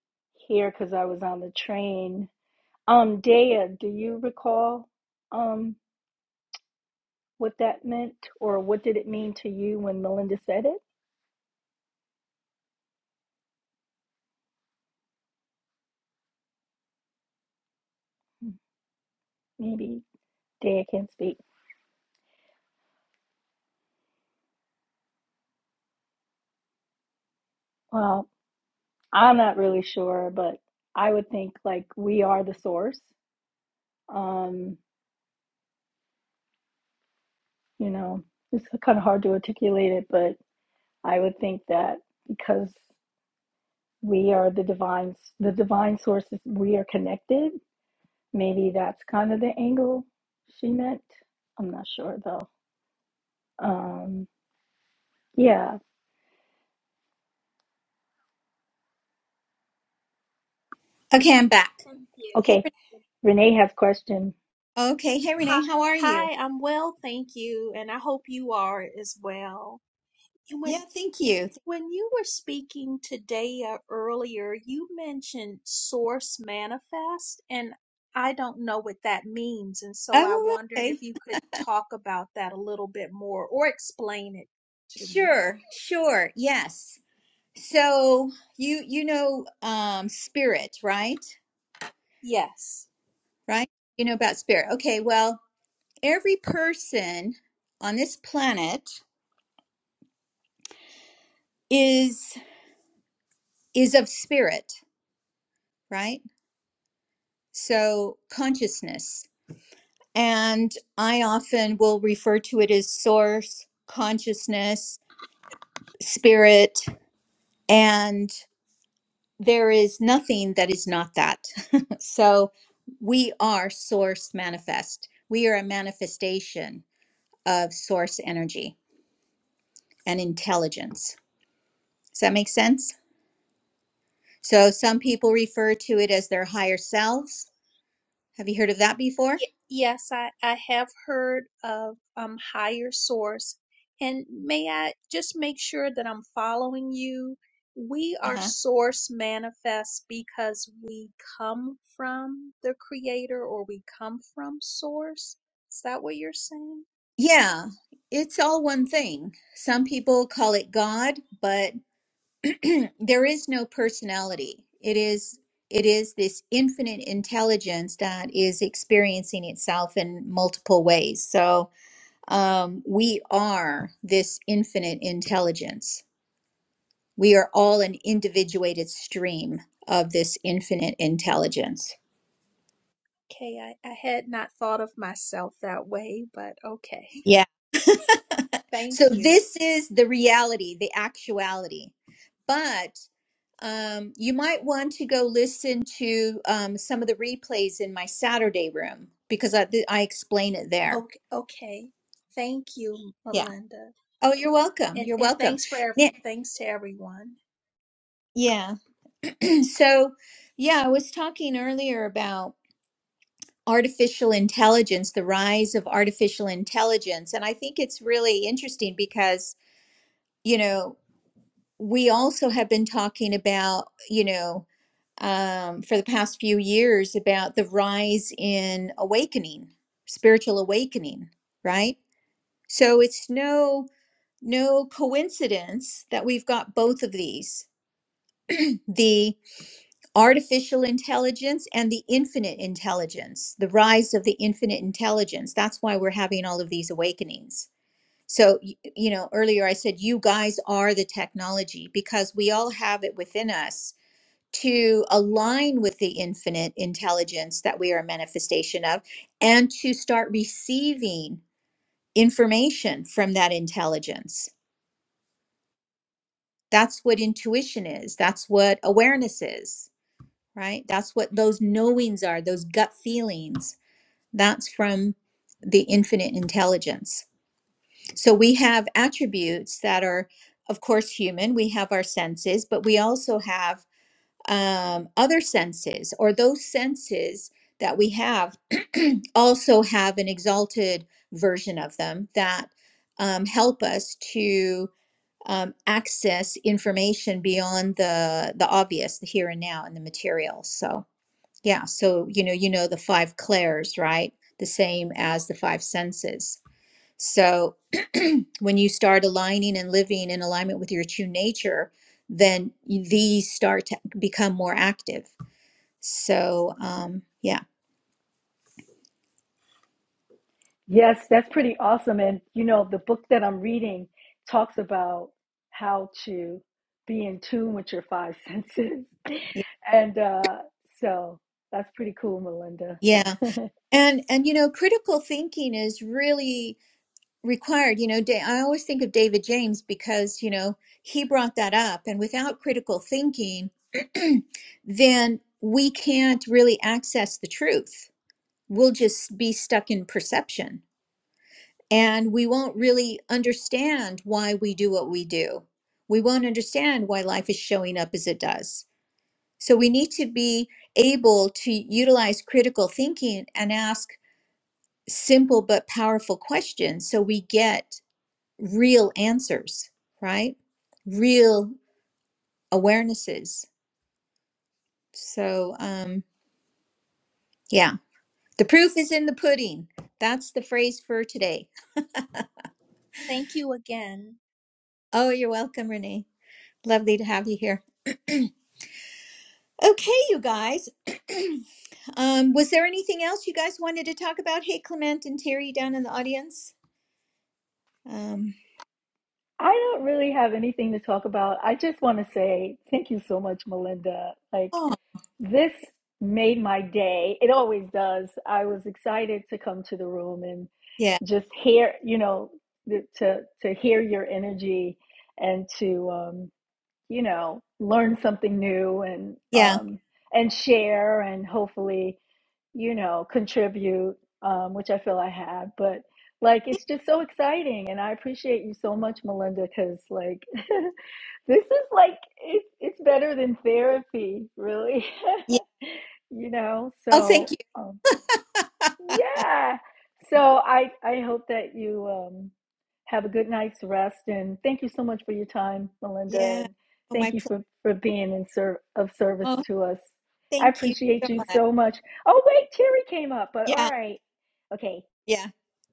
Speaker 3: hear because I was on the train. Um, Dea, do you recall um what that meant or what did it mean to you when Melinda said it? Maybe Dea can speak. Well, I'm not really sure, but I would think like we are the source. Um, you know, it's kind of hard to articulate it, but I would think that because we are the divine, the divine sources, we are connected. Maybe that's kind of the angle she meant. I'm not sure though. Um, yeah.
Speaker 2: Okay, I'm back.
Speaker 4: Thank you.
Speaker 2: Hey,
Speaker 3: Okay.
Speaker 2: Re-
Speaker 3: Renee has a question.
Speaker 2: okay. Hey,
Speaker 4: Hi,
Speaker 2: Renee, how are you?
Speaker 4: hi. I'm well, thank you, and I hope you are as well. When
Speaker 2: Yeah, thank you.
Speaker 4: when you were speaking today uh, earlier, you mentioned source manifest, and I don't know what that means, and so I
Speaker 2: Oh,
Speaker 4: wondered
Speaker 2: okay.
Speaker 4: if you could talk about that a little bit more or explain it to me.
Speaker 2: Sure, sure. Yes. So you you know um spirit, right?
Speaker 4: Yes.
Speaker 2: Right? You know about spirit. Okay, well, every person on this planet is is of spirit, right? So consciousness. And I often will refer to it as source, consciousness, spirit, and there is nothing that is not that. so we are source manifest. We are a manifestation of source energy and intelligence. Does that make sense? So some people refer to it as their higher selves. Have you heard of that before?
Speaker 4: Ye- Yes, I, I have heard of um higher source. And may I just make sure that I'm following you? We
Speaker 2: Uh
Speaker 4: are
Speaker 2: huh.
Speaker 4: source manifest because we come from the creator or we come from source. Is that what you're saying?
Speaker 2: Yeah, it's all one thing. Some people call it God, but there is no personality. It is it is this infinite intelligence that is experiencing itself in multiple ways. So um, we are this infinite intelligence. We are all an individuated stream of this infinite intelligence.
Speaker 4: Okay, I, I had not thought of myself that way, but okay.
Speaker 2: Yeah. So
Speaker 4: Thank you.
Speaker 2: this is the reality, the actuality. but. Um, you might want to go listen to um, some of the replays in my Saturday room because I, th- I explain it there.
Speaker 4: Okay, okay. Thank you,
Speaker 2: Yeah.
Speaker 4: Melinda.
Speaker 2: Oh, you're welcome.
Speaker 4: And
Speaker 2: You're
Speaker 4: and
Speaker 2: welcome.
Speaker 4: thanks for ev-
Speaker 2: Yeah.
Speaker 4: thanks to everyone.
Speaker 2: yeah. So, yeah, I was talking earlier about artificial intelligence, the rise of artificial intelligence. And I think it's really interesting because, you know, we also have been talking about, you know, um, for the past few years about the rise in awakening, spiritual awakening, right? So it's no no coincidence that we've got both of these the artificial intelligence and the infinite intelligence the rise of the infinite intelligence that's why we're having all of these awakenings so y- you know earlier i said you guys are the technology because we all have it within us to align with the infinite intelligence that we are a manifestation of and to start receiving information from that intelligence. That's what intuition is. That's what awareness is, right? That's what those knowings are, those gut feelings. That's from the infinite intelligence. So we have attributes that are, of course, human. We have our senses, but we also have um, other senses or those senses that we have also have an exalted version of them that um, help us to um, access information beyond the the obvious the here and now and the material so yeah so you know you know the five clairs right the same as the five senses so when you start aligning and living in alignment with your true nature then you- these start to become more active so, um, yeah,
Speaker 3: Yes, that's pretty awesome. And you know, the book that I'm reading talks about how to be in tune with your five senses.
Speaker 2: y-
Speaker 3: And uh, so that's pretty cool, Melinda.
Speaker 2: yeah, and and you know, critical thinking is really required. You know, da- I always think of David James because you know he brought that up, and without critical thinking, then we can't really access the truth. We'll just be stuck in perception, and we won't really understand why we do what we do. We won't understand why life is showing up as it does So we need to be able to utilize critical thinking and ask simple but powerful questions so we get real answers, right? Real awarenesses. So, um, yeah, the proof is in the pudding. That's the phrase for today.
Speaker 4: Thank you again.
Speaker 2: Oh, you're welcome, Renee. Lovely to have you here. Okay, you guys. um, was there anything else you guys wanted to talk about? Hey, Clement and Terry down in the audience. Um,
Speaker 3: I don't really have anything to talk about. I just want to say thank you so much, Melinda. Like,
Speaker 2: oh,
Speaker 3: this made my day. It always does. I was excited to come to the room and
Speaker 2: yeah,
Speaker 3: just hear, you know, to to hear your energy and to um, you know, learn something new and
Speaker 2: yeah.
Speaker 3: um, and share and hopefully, you know, contribute, um, which I feel I have. But like, it's just so exciting, and I appreciate you so much, Melinda, because like, this is like it, it's better than therapy, really.
Speaker 2: Yeah.
Speaker 3: you know,
Speaker 2: Oh, thank
Speaker 3: so.
Speaker 2: you.
Speaker 3: um, yeah. So I I hope that you um, have a good night's rest, and thank you so much for your time, Melinda,
Speaker 2: Yeah.
Speaker 3: and
Speaker 2: Oh, my
Speaker 3: thank you
Speaker 2: pleasure.
Speaker 3: for for being in ser- of service
Speaker 2: Oh,
Speaker 3: to us. I
Speaker 2: thank you so
Speaker 3: appreciate you
Speaker 2: much.
Speaker 3: so much. Oh wait, Terry came up, but all
Speaker 2: Yeah.
Speaker 3: right, okay.
Speaker 2: Yeah.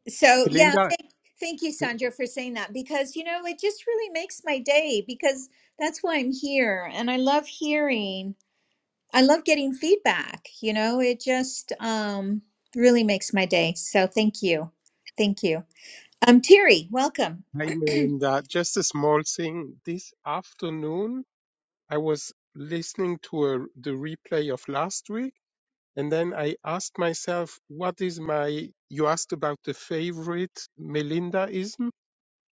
Speaker 2: So, yeah,
Speaker 5: Linda,
Speaker 2: thank, thank you, Sandra, for saying that because, you know, it just really makes my day because that's why I'm here. And I love hearing, I love getting feedback. You know, it just um, really makes my day. So, thank you. Thank you. Um, Terry, welcome.
Speaker 5: hi Melinda. Just a small thing. This afternoon, I was listening to a, the replay of last week, and then I asked myself, what is my, you asked about the favorite Melindaism,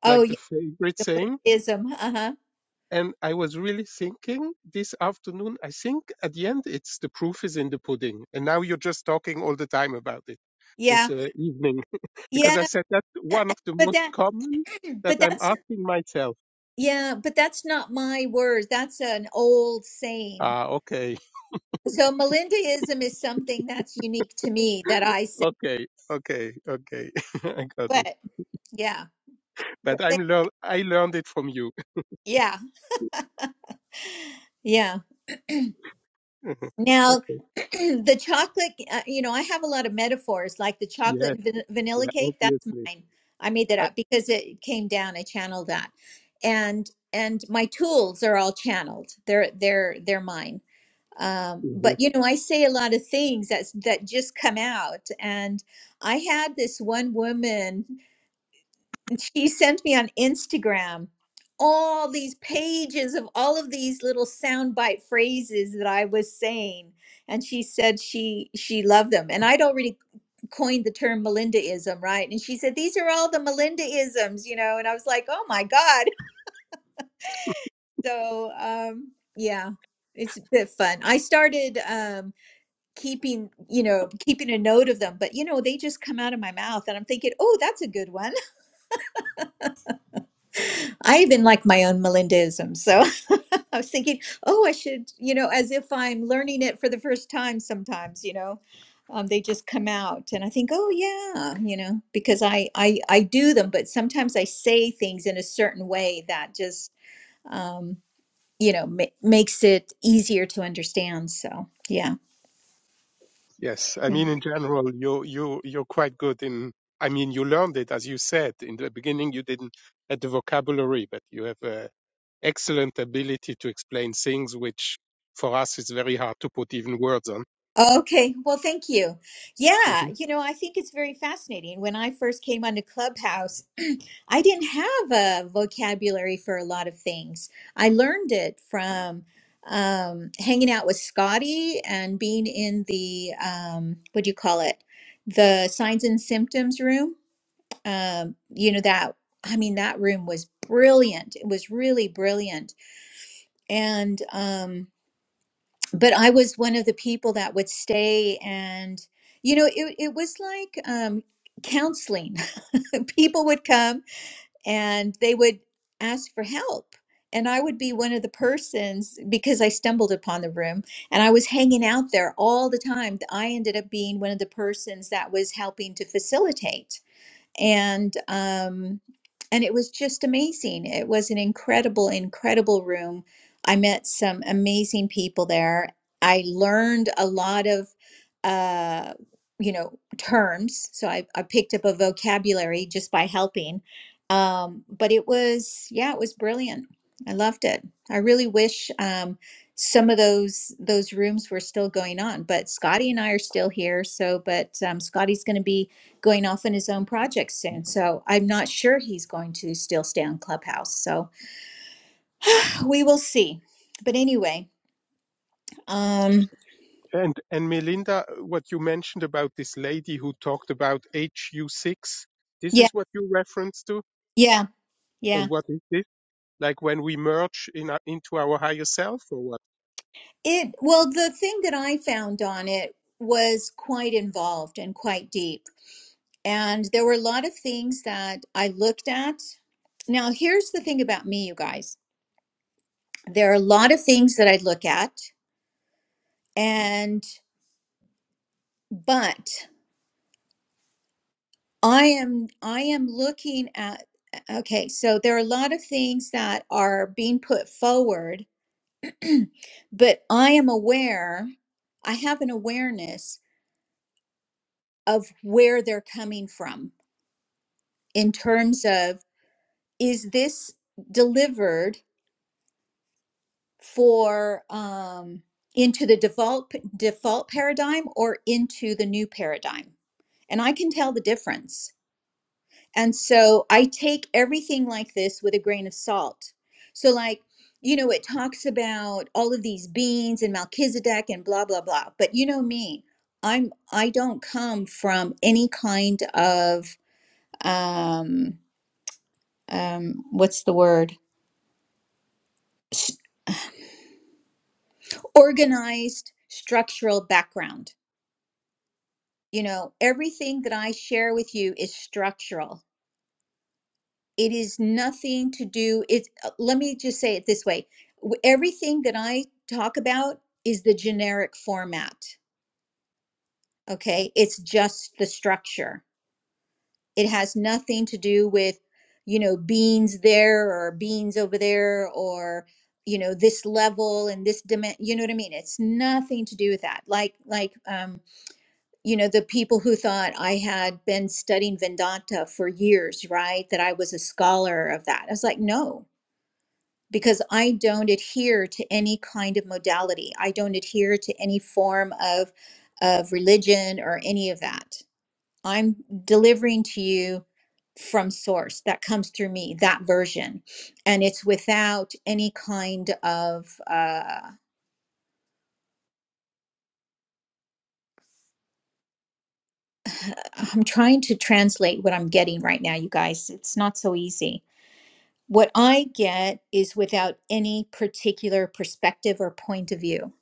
Speaker 2: Oh,
Speaker 5: like
Speaker 2: yeah,
Speaker 5: the favorite
Speaker 2: the
Speaker 5: saying.
Speaker 2: Melindaism. Uh huh.
Speaker 5: And I was really thinking this afternoon, I think at the end, it's the proof is in the pudding. And now you're just talking all the time about it this
Speaker 2: Yeah.
Speaker 5: uh, evening, because I
Speaker 2: Yeah.
Speaker 5: said that's one of the
Speaker 2: But
Speaker 5: most
Speaker 2: that,
Speaker 5: common that
Speaker 2: but
Speaker 5: I'm
Speaker 2: that's
Speaker 5: asking myself
Speaker 2: Yeah, but that's not my word. That's an old saying.
Speaker 5: Ah, okay,
Speaker 2: So Melindaism is something that's unique to me that I say.
Speaker 5: okay, okay, okay. I got it.
Speaker 2: But yeah, but
Speaker 5: But
Speaker 2: they,
Speaker 5: I'm learn. I learned it from you.
Speaker 2: yeah, yeah. Now,
Speaker 5: okay.
Speaker 2: the chocolate, uh, you know, I have a lot of metaphors like the chocolate
Speaker 5: Yes.
Speaker 2: and van- vanilla
Speaker 5: Yeah.
Speaker 2: cake. That's
Speaker 5: Obviously.
Speaker 2: mine. I made that
Speaker 5: I,
Speaker 2: up because it came down. I channeled that, and and my tools are all channeled. They're they're they're mine. um, but
Speaker 5: Mhm.
Speaker 2: you know i say a lot of things that's that just come out and i had this one woman and she sent me on instagram all these pages of all of these little soundbite phrases that i was saying and she said she she loved them and i'd already coined the term melindaism right and she said these are all the melindaisms you know and i was like oh my god so um yeah it's a bit fun i started um keeping you know keeping a note of them but you know they just come out of my mouth and i'm thinking oh that's a good one i even like my own melindaism so i was thinking oh i should you know as if i'm learning it for the first time sometimes you know um, they just come out and i think oh yeah you know because I, I i do them but sometimes i say things in a certain way that just um you know ma- makes it easier to understand so yeah.
Speaker 5: Yes. I mean, in general, you you you're quite good in. I mean, you learned it as you said in the beginning. You didn't have the vocabulary, but you have a excellent ability to explain things which, for us, is very hard to put even words on.
Speaker 2: Okay, well, thank you. Yeah, you know, I think it's very fascinating. When I first came onto Clubhouse, I didn't have a vocabulary for a lot of things. I learned it from um, hanging out with Scotty and being in the, um, what do you call it? The signs and symptoms room. Um, you know, that, I mean, that room was brilliant. It was really brilliant. And, um, but I was one of the people that would stay and you know it, it was like um, counseling. people would come and they would ask for help. And I would be one of the persons because I stumbled upon the room and I was hanging out there all the time. I ended up being one of the persons that was helping to facilitate and um, and it was just amazing. It was an incredible, incredible room. I met some amazing people there. I learned a lot of, uh, you know, terms. So I, I picked up a vocabulary just by helping. Um, but it was, yeah, it was brilliant. I loved it. I really wish um, some of those those rooms were still going on. But Scotty and I are still here. So, but um, Scotty's going to be going off on his own project soon. So I'm not sure he's going to still stay on Clubhouse. So we will see. But anyway, um,
Speaker 5: And and Melinda, what you mentioned about this lady who talked about HU6, this
Speaker 2: yeah,
Speaker 5: is what you reference to?
Speaker 2: yeah, yeah.
Speaker 5: And what is this? Like when we merge in our, into our higher self or what?
Speaker 2: It well, the thing that I found on it was quite involved and quite deep. And there were a lot of things that I looked at. Now, here's the thing about me, you guys. There are a lot of things that I look at, and but I am I am looking at okay, so there are a lot of things that are being put forward, but I am aware, I have an awareness of where they're coming from in terms of is this delivered for um into the default default paradigm or into the new paradigm? And I can tell the difference And so I take everything like this with a grain of salt. So, like, you know, it talks about all of these beings and Melchizedek and blah, blah, blah. But you know me, I'm, I don't come from any kind of, um, um, what's the word? S- Organized structural background. You know, everything that I share with you is structural it is nothing to do it's uh, let me just say it this way W- everything that i talk about is the generic format okay it's just the structure it has nothing to do with you know beans there or beans over there or you know this level and this demand you know what i mean it's nothing to do with that like like um you know the people who thought i had been studying vedanta for years right that i was a scholar of that i was like no because I don't adhere to any kind of modality. I don't adhere to any form of of religion or any of that. I'm delivering to you from source that comes through me that version and it's without any kind of uh i'm trying to translate what i'm getting right now you guys it's not so easy what i get is without any particular perspective or point of view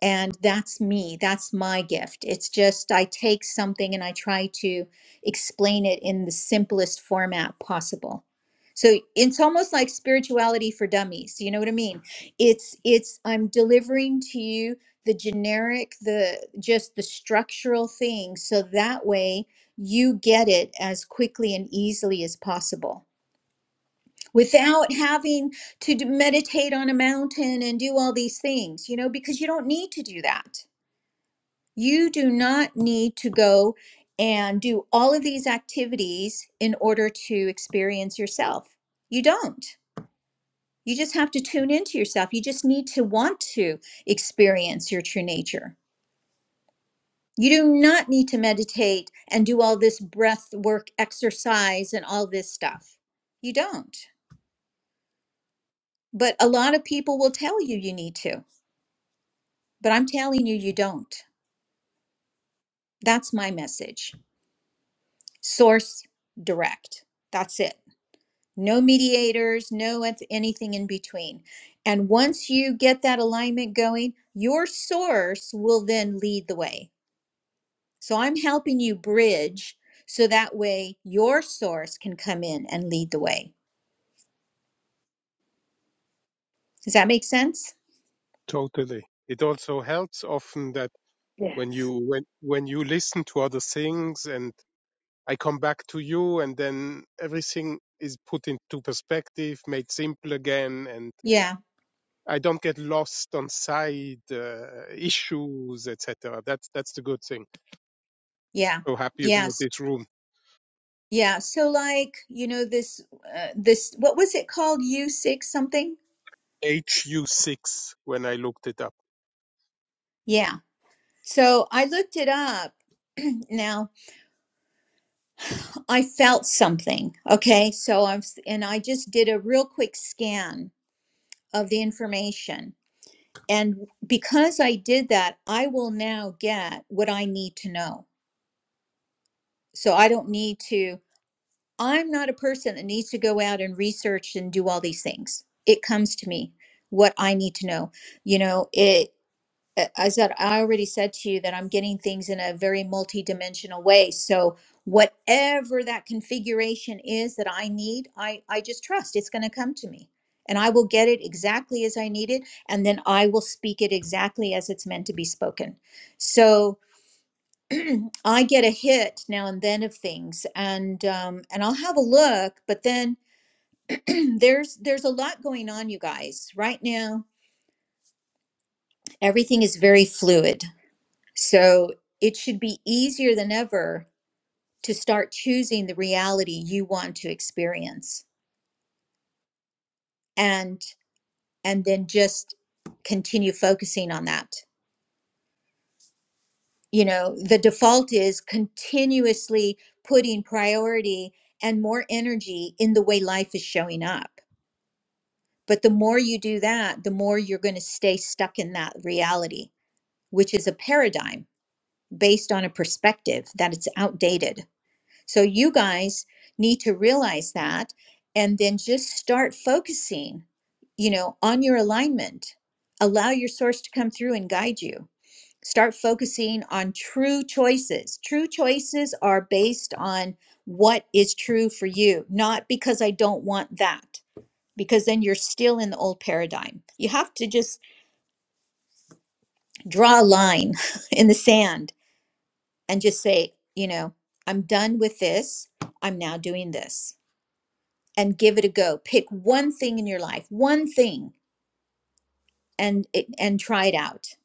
Speaker 2: And that's me. That's my gift. It's just I take something and I try to explain it in the simplest format possible. So it's almost like spirituality for dummies. You know what I mean? It's it's I'm delivering to you the generic, the just the structural thing so that way you get it as quickly and easily as possible without having to d- meditate on a mountain and do all these things, you know, because you don't need to do that you do not need to go and do all of these activities in order to experience yourself. You don't. You just have to tune into yourself. You just need to want to experience your true nature. You do not need to meditate and do all this breath work exercise and all this stuff. You don't. But a lot of people will tell you you need to. But I'm telling you, you don't. That's my message. Source direct. That's it. no mediators, no eth- anything in between. And once you get that alignment going, your source will then lead the way. So I'm helping you bridge so that way your source can come in and lead the way. Does that make sense?
Speaker 5: Totally. It also helps often that when
Speaker 3: Yes,
Speaker 5: you when when you listen to other things and I come back to you and then everything is put into perspective, made simple again and
Speaker 2: Yeah.
Speaker 5: I don't get lost on side uh, issues, etc. That's that's the good thing.
Speaker 2: Yeah.
Speaker 5: so happy about
Speaker 2: Yes.
Speaker 5: this room.
Speaker 2: Yeah. So like, you know this uh, this what was it called U6 something?
Speaker 5: HU6 when I looked it up.
Speaker 2: Yeah. So I looked it up now I felt something. Okay. So I'm, and I just did a real quick scan of the information. And because I did that, I will now get what I need to know. So I don't need to, I'm not a person that needs to go out and research and do all these things. It comes to me what I need to know. You know, it, uh, as that I already said to you that I'm getting things in a very multi-dimensional way. So whatever that configuration is that I need, I I just trust it's going to come to me. And I will get it exactly as I need it and then I will speak it exactly as it's meant to be spoken. So I get a hit now and then of things and um and I'll have a look, but then there's there's a lot going on you guys. Right now, everything is very fluid So it should be easier than ever to start choosing the reality you want to experience and and then just continue focusing on that. You know, the default is continuously putting priority and more energy in the way life is showing up. But the more you do that, the more you're going to stay stuck in that reality, which is a paradigm based on a perspective that it's outdated So you guys need to realize that and then just start focusing, you know, on your alignment. Allow your source to come through and guide you. Start focusing on true choices. True choices are based on what is true for you, not because I don't want that, because then you're still in the old paradigm. You have to just draw a line in the sand and just say, you know, I'm done with this. I'm now doing this. and give it a go. Pick one thing in your life, one thing, and and try it out.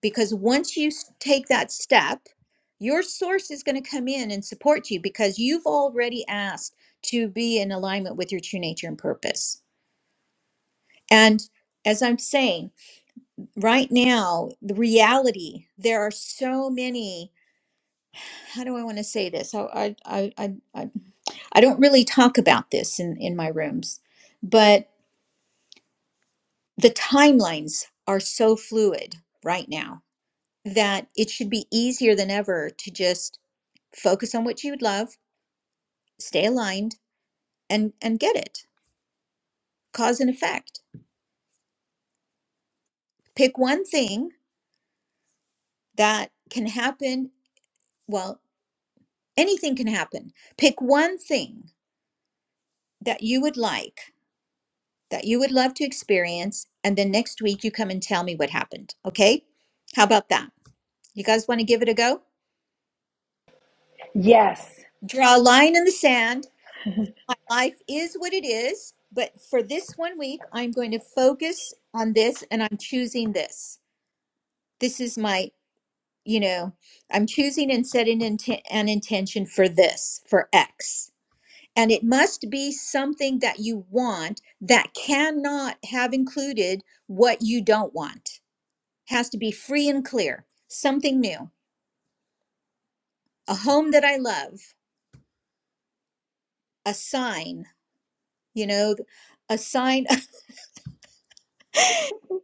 Speaker 2: Because once you take that step, your source is going to come in and support you because you've already asked to be in alignment with your true nature and purpose. And as I'm saying, right now, the reality, there are so many, how do I want to say this? I, I, I, I I don't really talk about this in, in my rooms, but the timelines are so fluid right now that it should be easier than ever to just focus on what you'd love, stay aligned and and get it. Cause and effect. Pick one thing that can happen, well, anything can happen. Pick one thing that you would like, that you would love to experience and then next week you come and tell me what happened, okay? How about that? You guys want to give it a go?
Speaker 3: yes.
Speaker 2: Draw a line in the sand my life is what it is, but for this one week, I'm going to focus on this and I'm choosing this. This is my, you know, I'm choosing and setting inten- an intention for this, for X. And it must be something that you want that cannot have included what you don't want. Has to be free and clear, something new, a home that I love, a sign, you know, a sign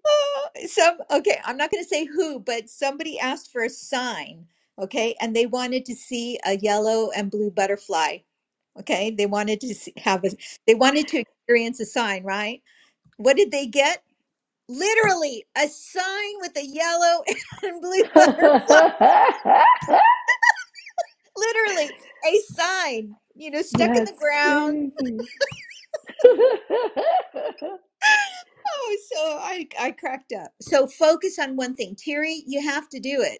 Speaker 2: some okay i'm not going to say who but somebody asked for a sign okay and they wanted to see a yellow and blue butterfly okay they wanted to see, have a they wanted to experience a sign right what did they get literally a sign with a yellow and blue butterfly literally a sign you know stuck in the
Speaker 3: That's
Speaker 2: ground
Speaker 3: crazy.
Speaker 2: oh so i i cracked up so focus on one thing terry you have to do it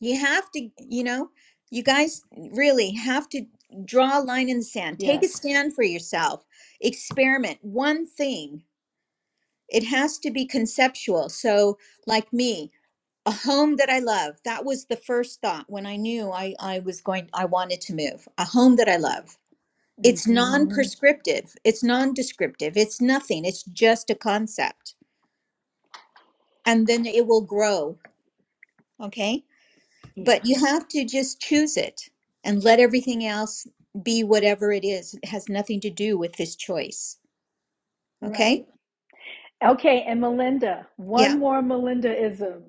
Speaker 2: You have to, you know, you guys really have to draw a line in the sand. Take a
Speaker 3: yes.
Speaker 2: stand for yourself. Experiment one thing. It has to be conceptual. So, like me, a home that I love. That was the first thought when I knew I, I was going, I wanted to move. A home that I love. It's non
Speaker 3: hmm
Speaker 2: prescriptive, it's non descriptive, it's nothing, it's just a concept. And then it will grow. Okay
Speaker 3: Yeah.
Speaker 2: but you have to just choose it and let everything else be whatever it is. It has nothing to do with this choice.
Speaker 3: Right.
Speaker 2: Okay?
Speaker 3: Okay, and Melinda,
Speaker 2: Yeah.
Speaker 3: one more Melindaism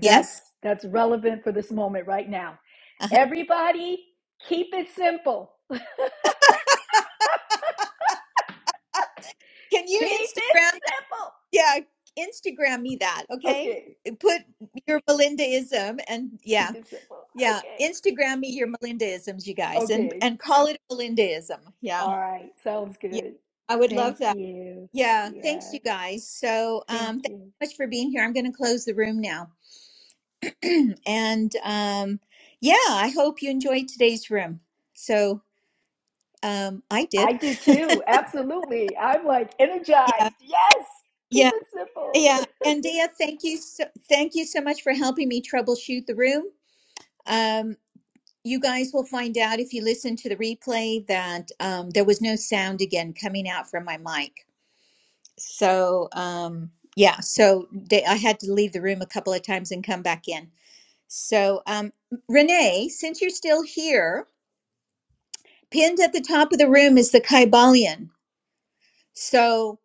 Speaker 3: that's
Speaker 2: Yes.
Speaker 3: that's relevant for this moment right now. Everybody, keep it simple.
Speaker 2: Can
Speaker 3: Keep
Speaker 2: you
Speaker 3: it
Speaker 2: Instagram that?
Speaker 3: simple.
Speaker 2: Yeah, Instagram me that, okay?
Speaker 3: Okay,
Speaker 2: Put your Melindaism and yeah.
Speaker 3: keep it simple.
Speaker 2: Yeah,
Speaker 3: Okay.
Speaker 2: Instagram me your Melindaisms, you guys, and
Speaker 3: Okay.
Speaker 2: and call it Melindaism. Yeah.
Speaker 3: All right. Sounds
Speaker 2: Yeah.
Speaker 3: good.
Speaker 2: I would love
Speaker 3: Thank
Speaker 2: that.
Speaker 3: you.
Speaker 2: Yeah, thanks
Speaker 3: Yeah.
Speaker 2: you guys. So,
Speaker 3: Thank
Speaker 2: um thanks
Speaker 3: you.
Speaker 2: so much for being here. I'm going to close the room now. And um, yeah, I hope you enjoyed today's room. So um, I did.
Speaker 3: I do too. Absolutely. I'm like
Speaker 2: Yeah,
Speaker 3: energized. Yes. Keep
Speaker 2: yeah,
Speaker 3: it simple.
Speaker 2: yeah. And Dia, thank you so, thank you so much for helping me troubleshoot the room. Um, you guys will find out if you listen to the replay that um, there was no sound again coming out from my mic. So um, yeah, so Da- I had to leave the room a couple of times and come back in. So um, Renee, since you're still here. Pinned at the top of the room is the Kybalion. So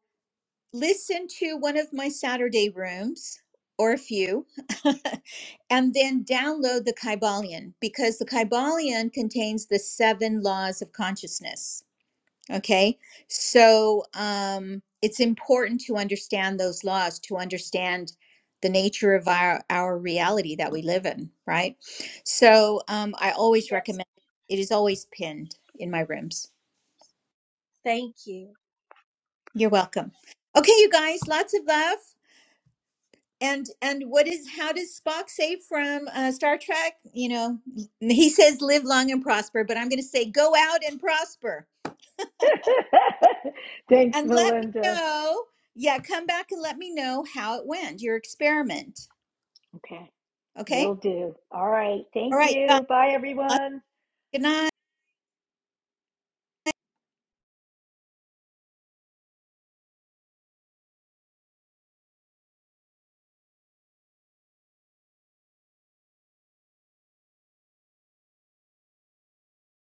Speaker 2: listen to one of my Saturday rooms or a few, and then download the Kybalion because the Kybalion contains the seven laws of consciousness. Okay. So um, it's important to understand those laws to understand the nature of our, our reality that we live in, right? So um, I always
Speaker 4: Yes.
Speaker 2: recommend it is always pinned in my rooms.
Speaker 4: Thank you.
Speaker 2: You're welcome. Okay, you guys, lots of love. And and what is how does Spock say from uh, Star Trek? You know, he says live long and prosper, but I'm going to say go out and prosper.
Speaker 3: Thanks,
Speaker 2: And let me
Speaker 3: Melinda.
Speaker 2: know. Yeah, come back and let me know how it went, your experiment.
Speaker 3: Okay.
Speaker 2: Okay?
Speaker 3: Will do. All right.
Speaker 2: All
Speaker 3: Thank
Speaker 2: right, you guys.
Speaker 3: you. Bye,
Speaker 2: Lots-
Speaker 3: everyone.
Speaker 2: Good night.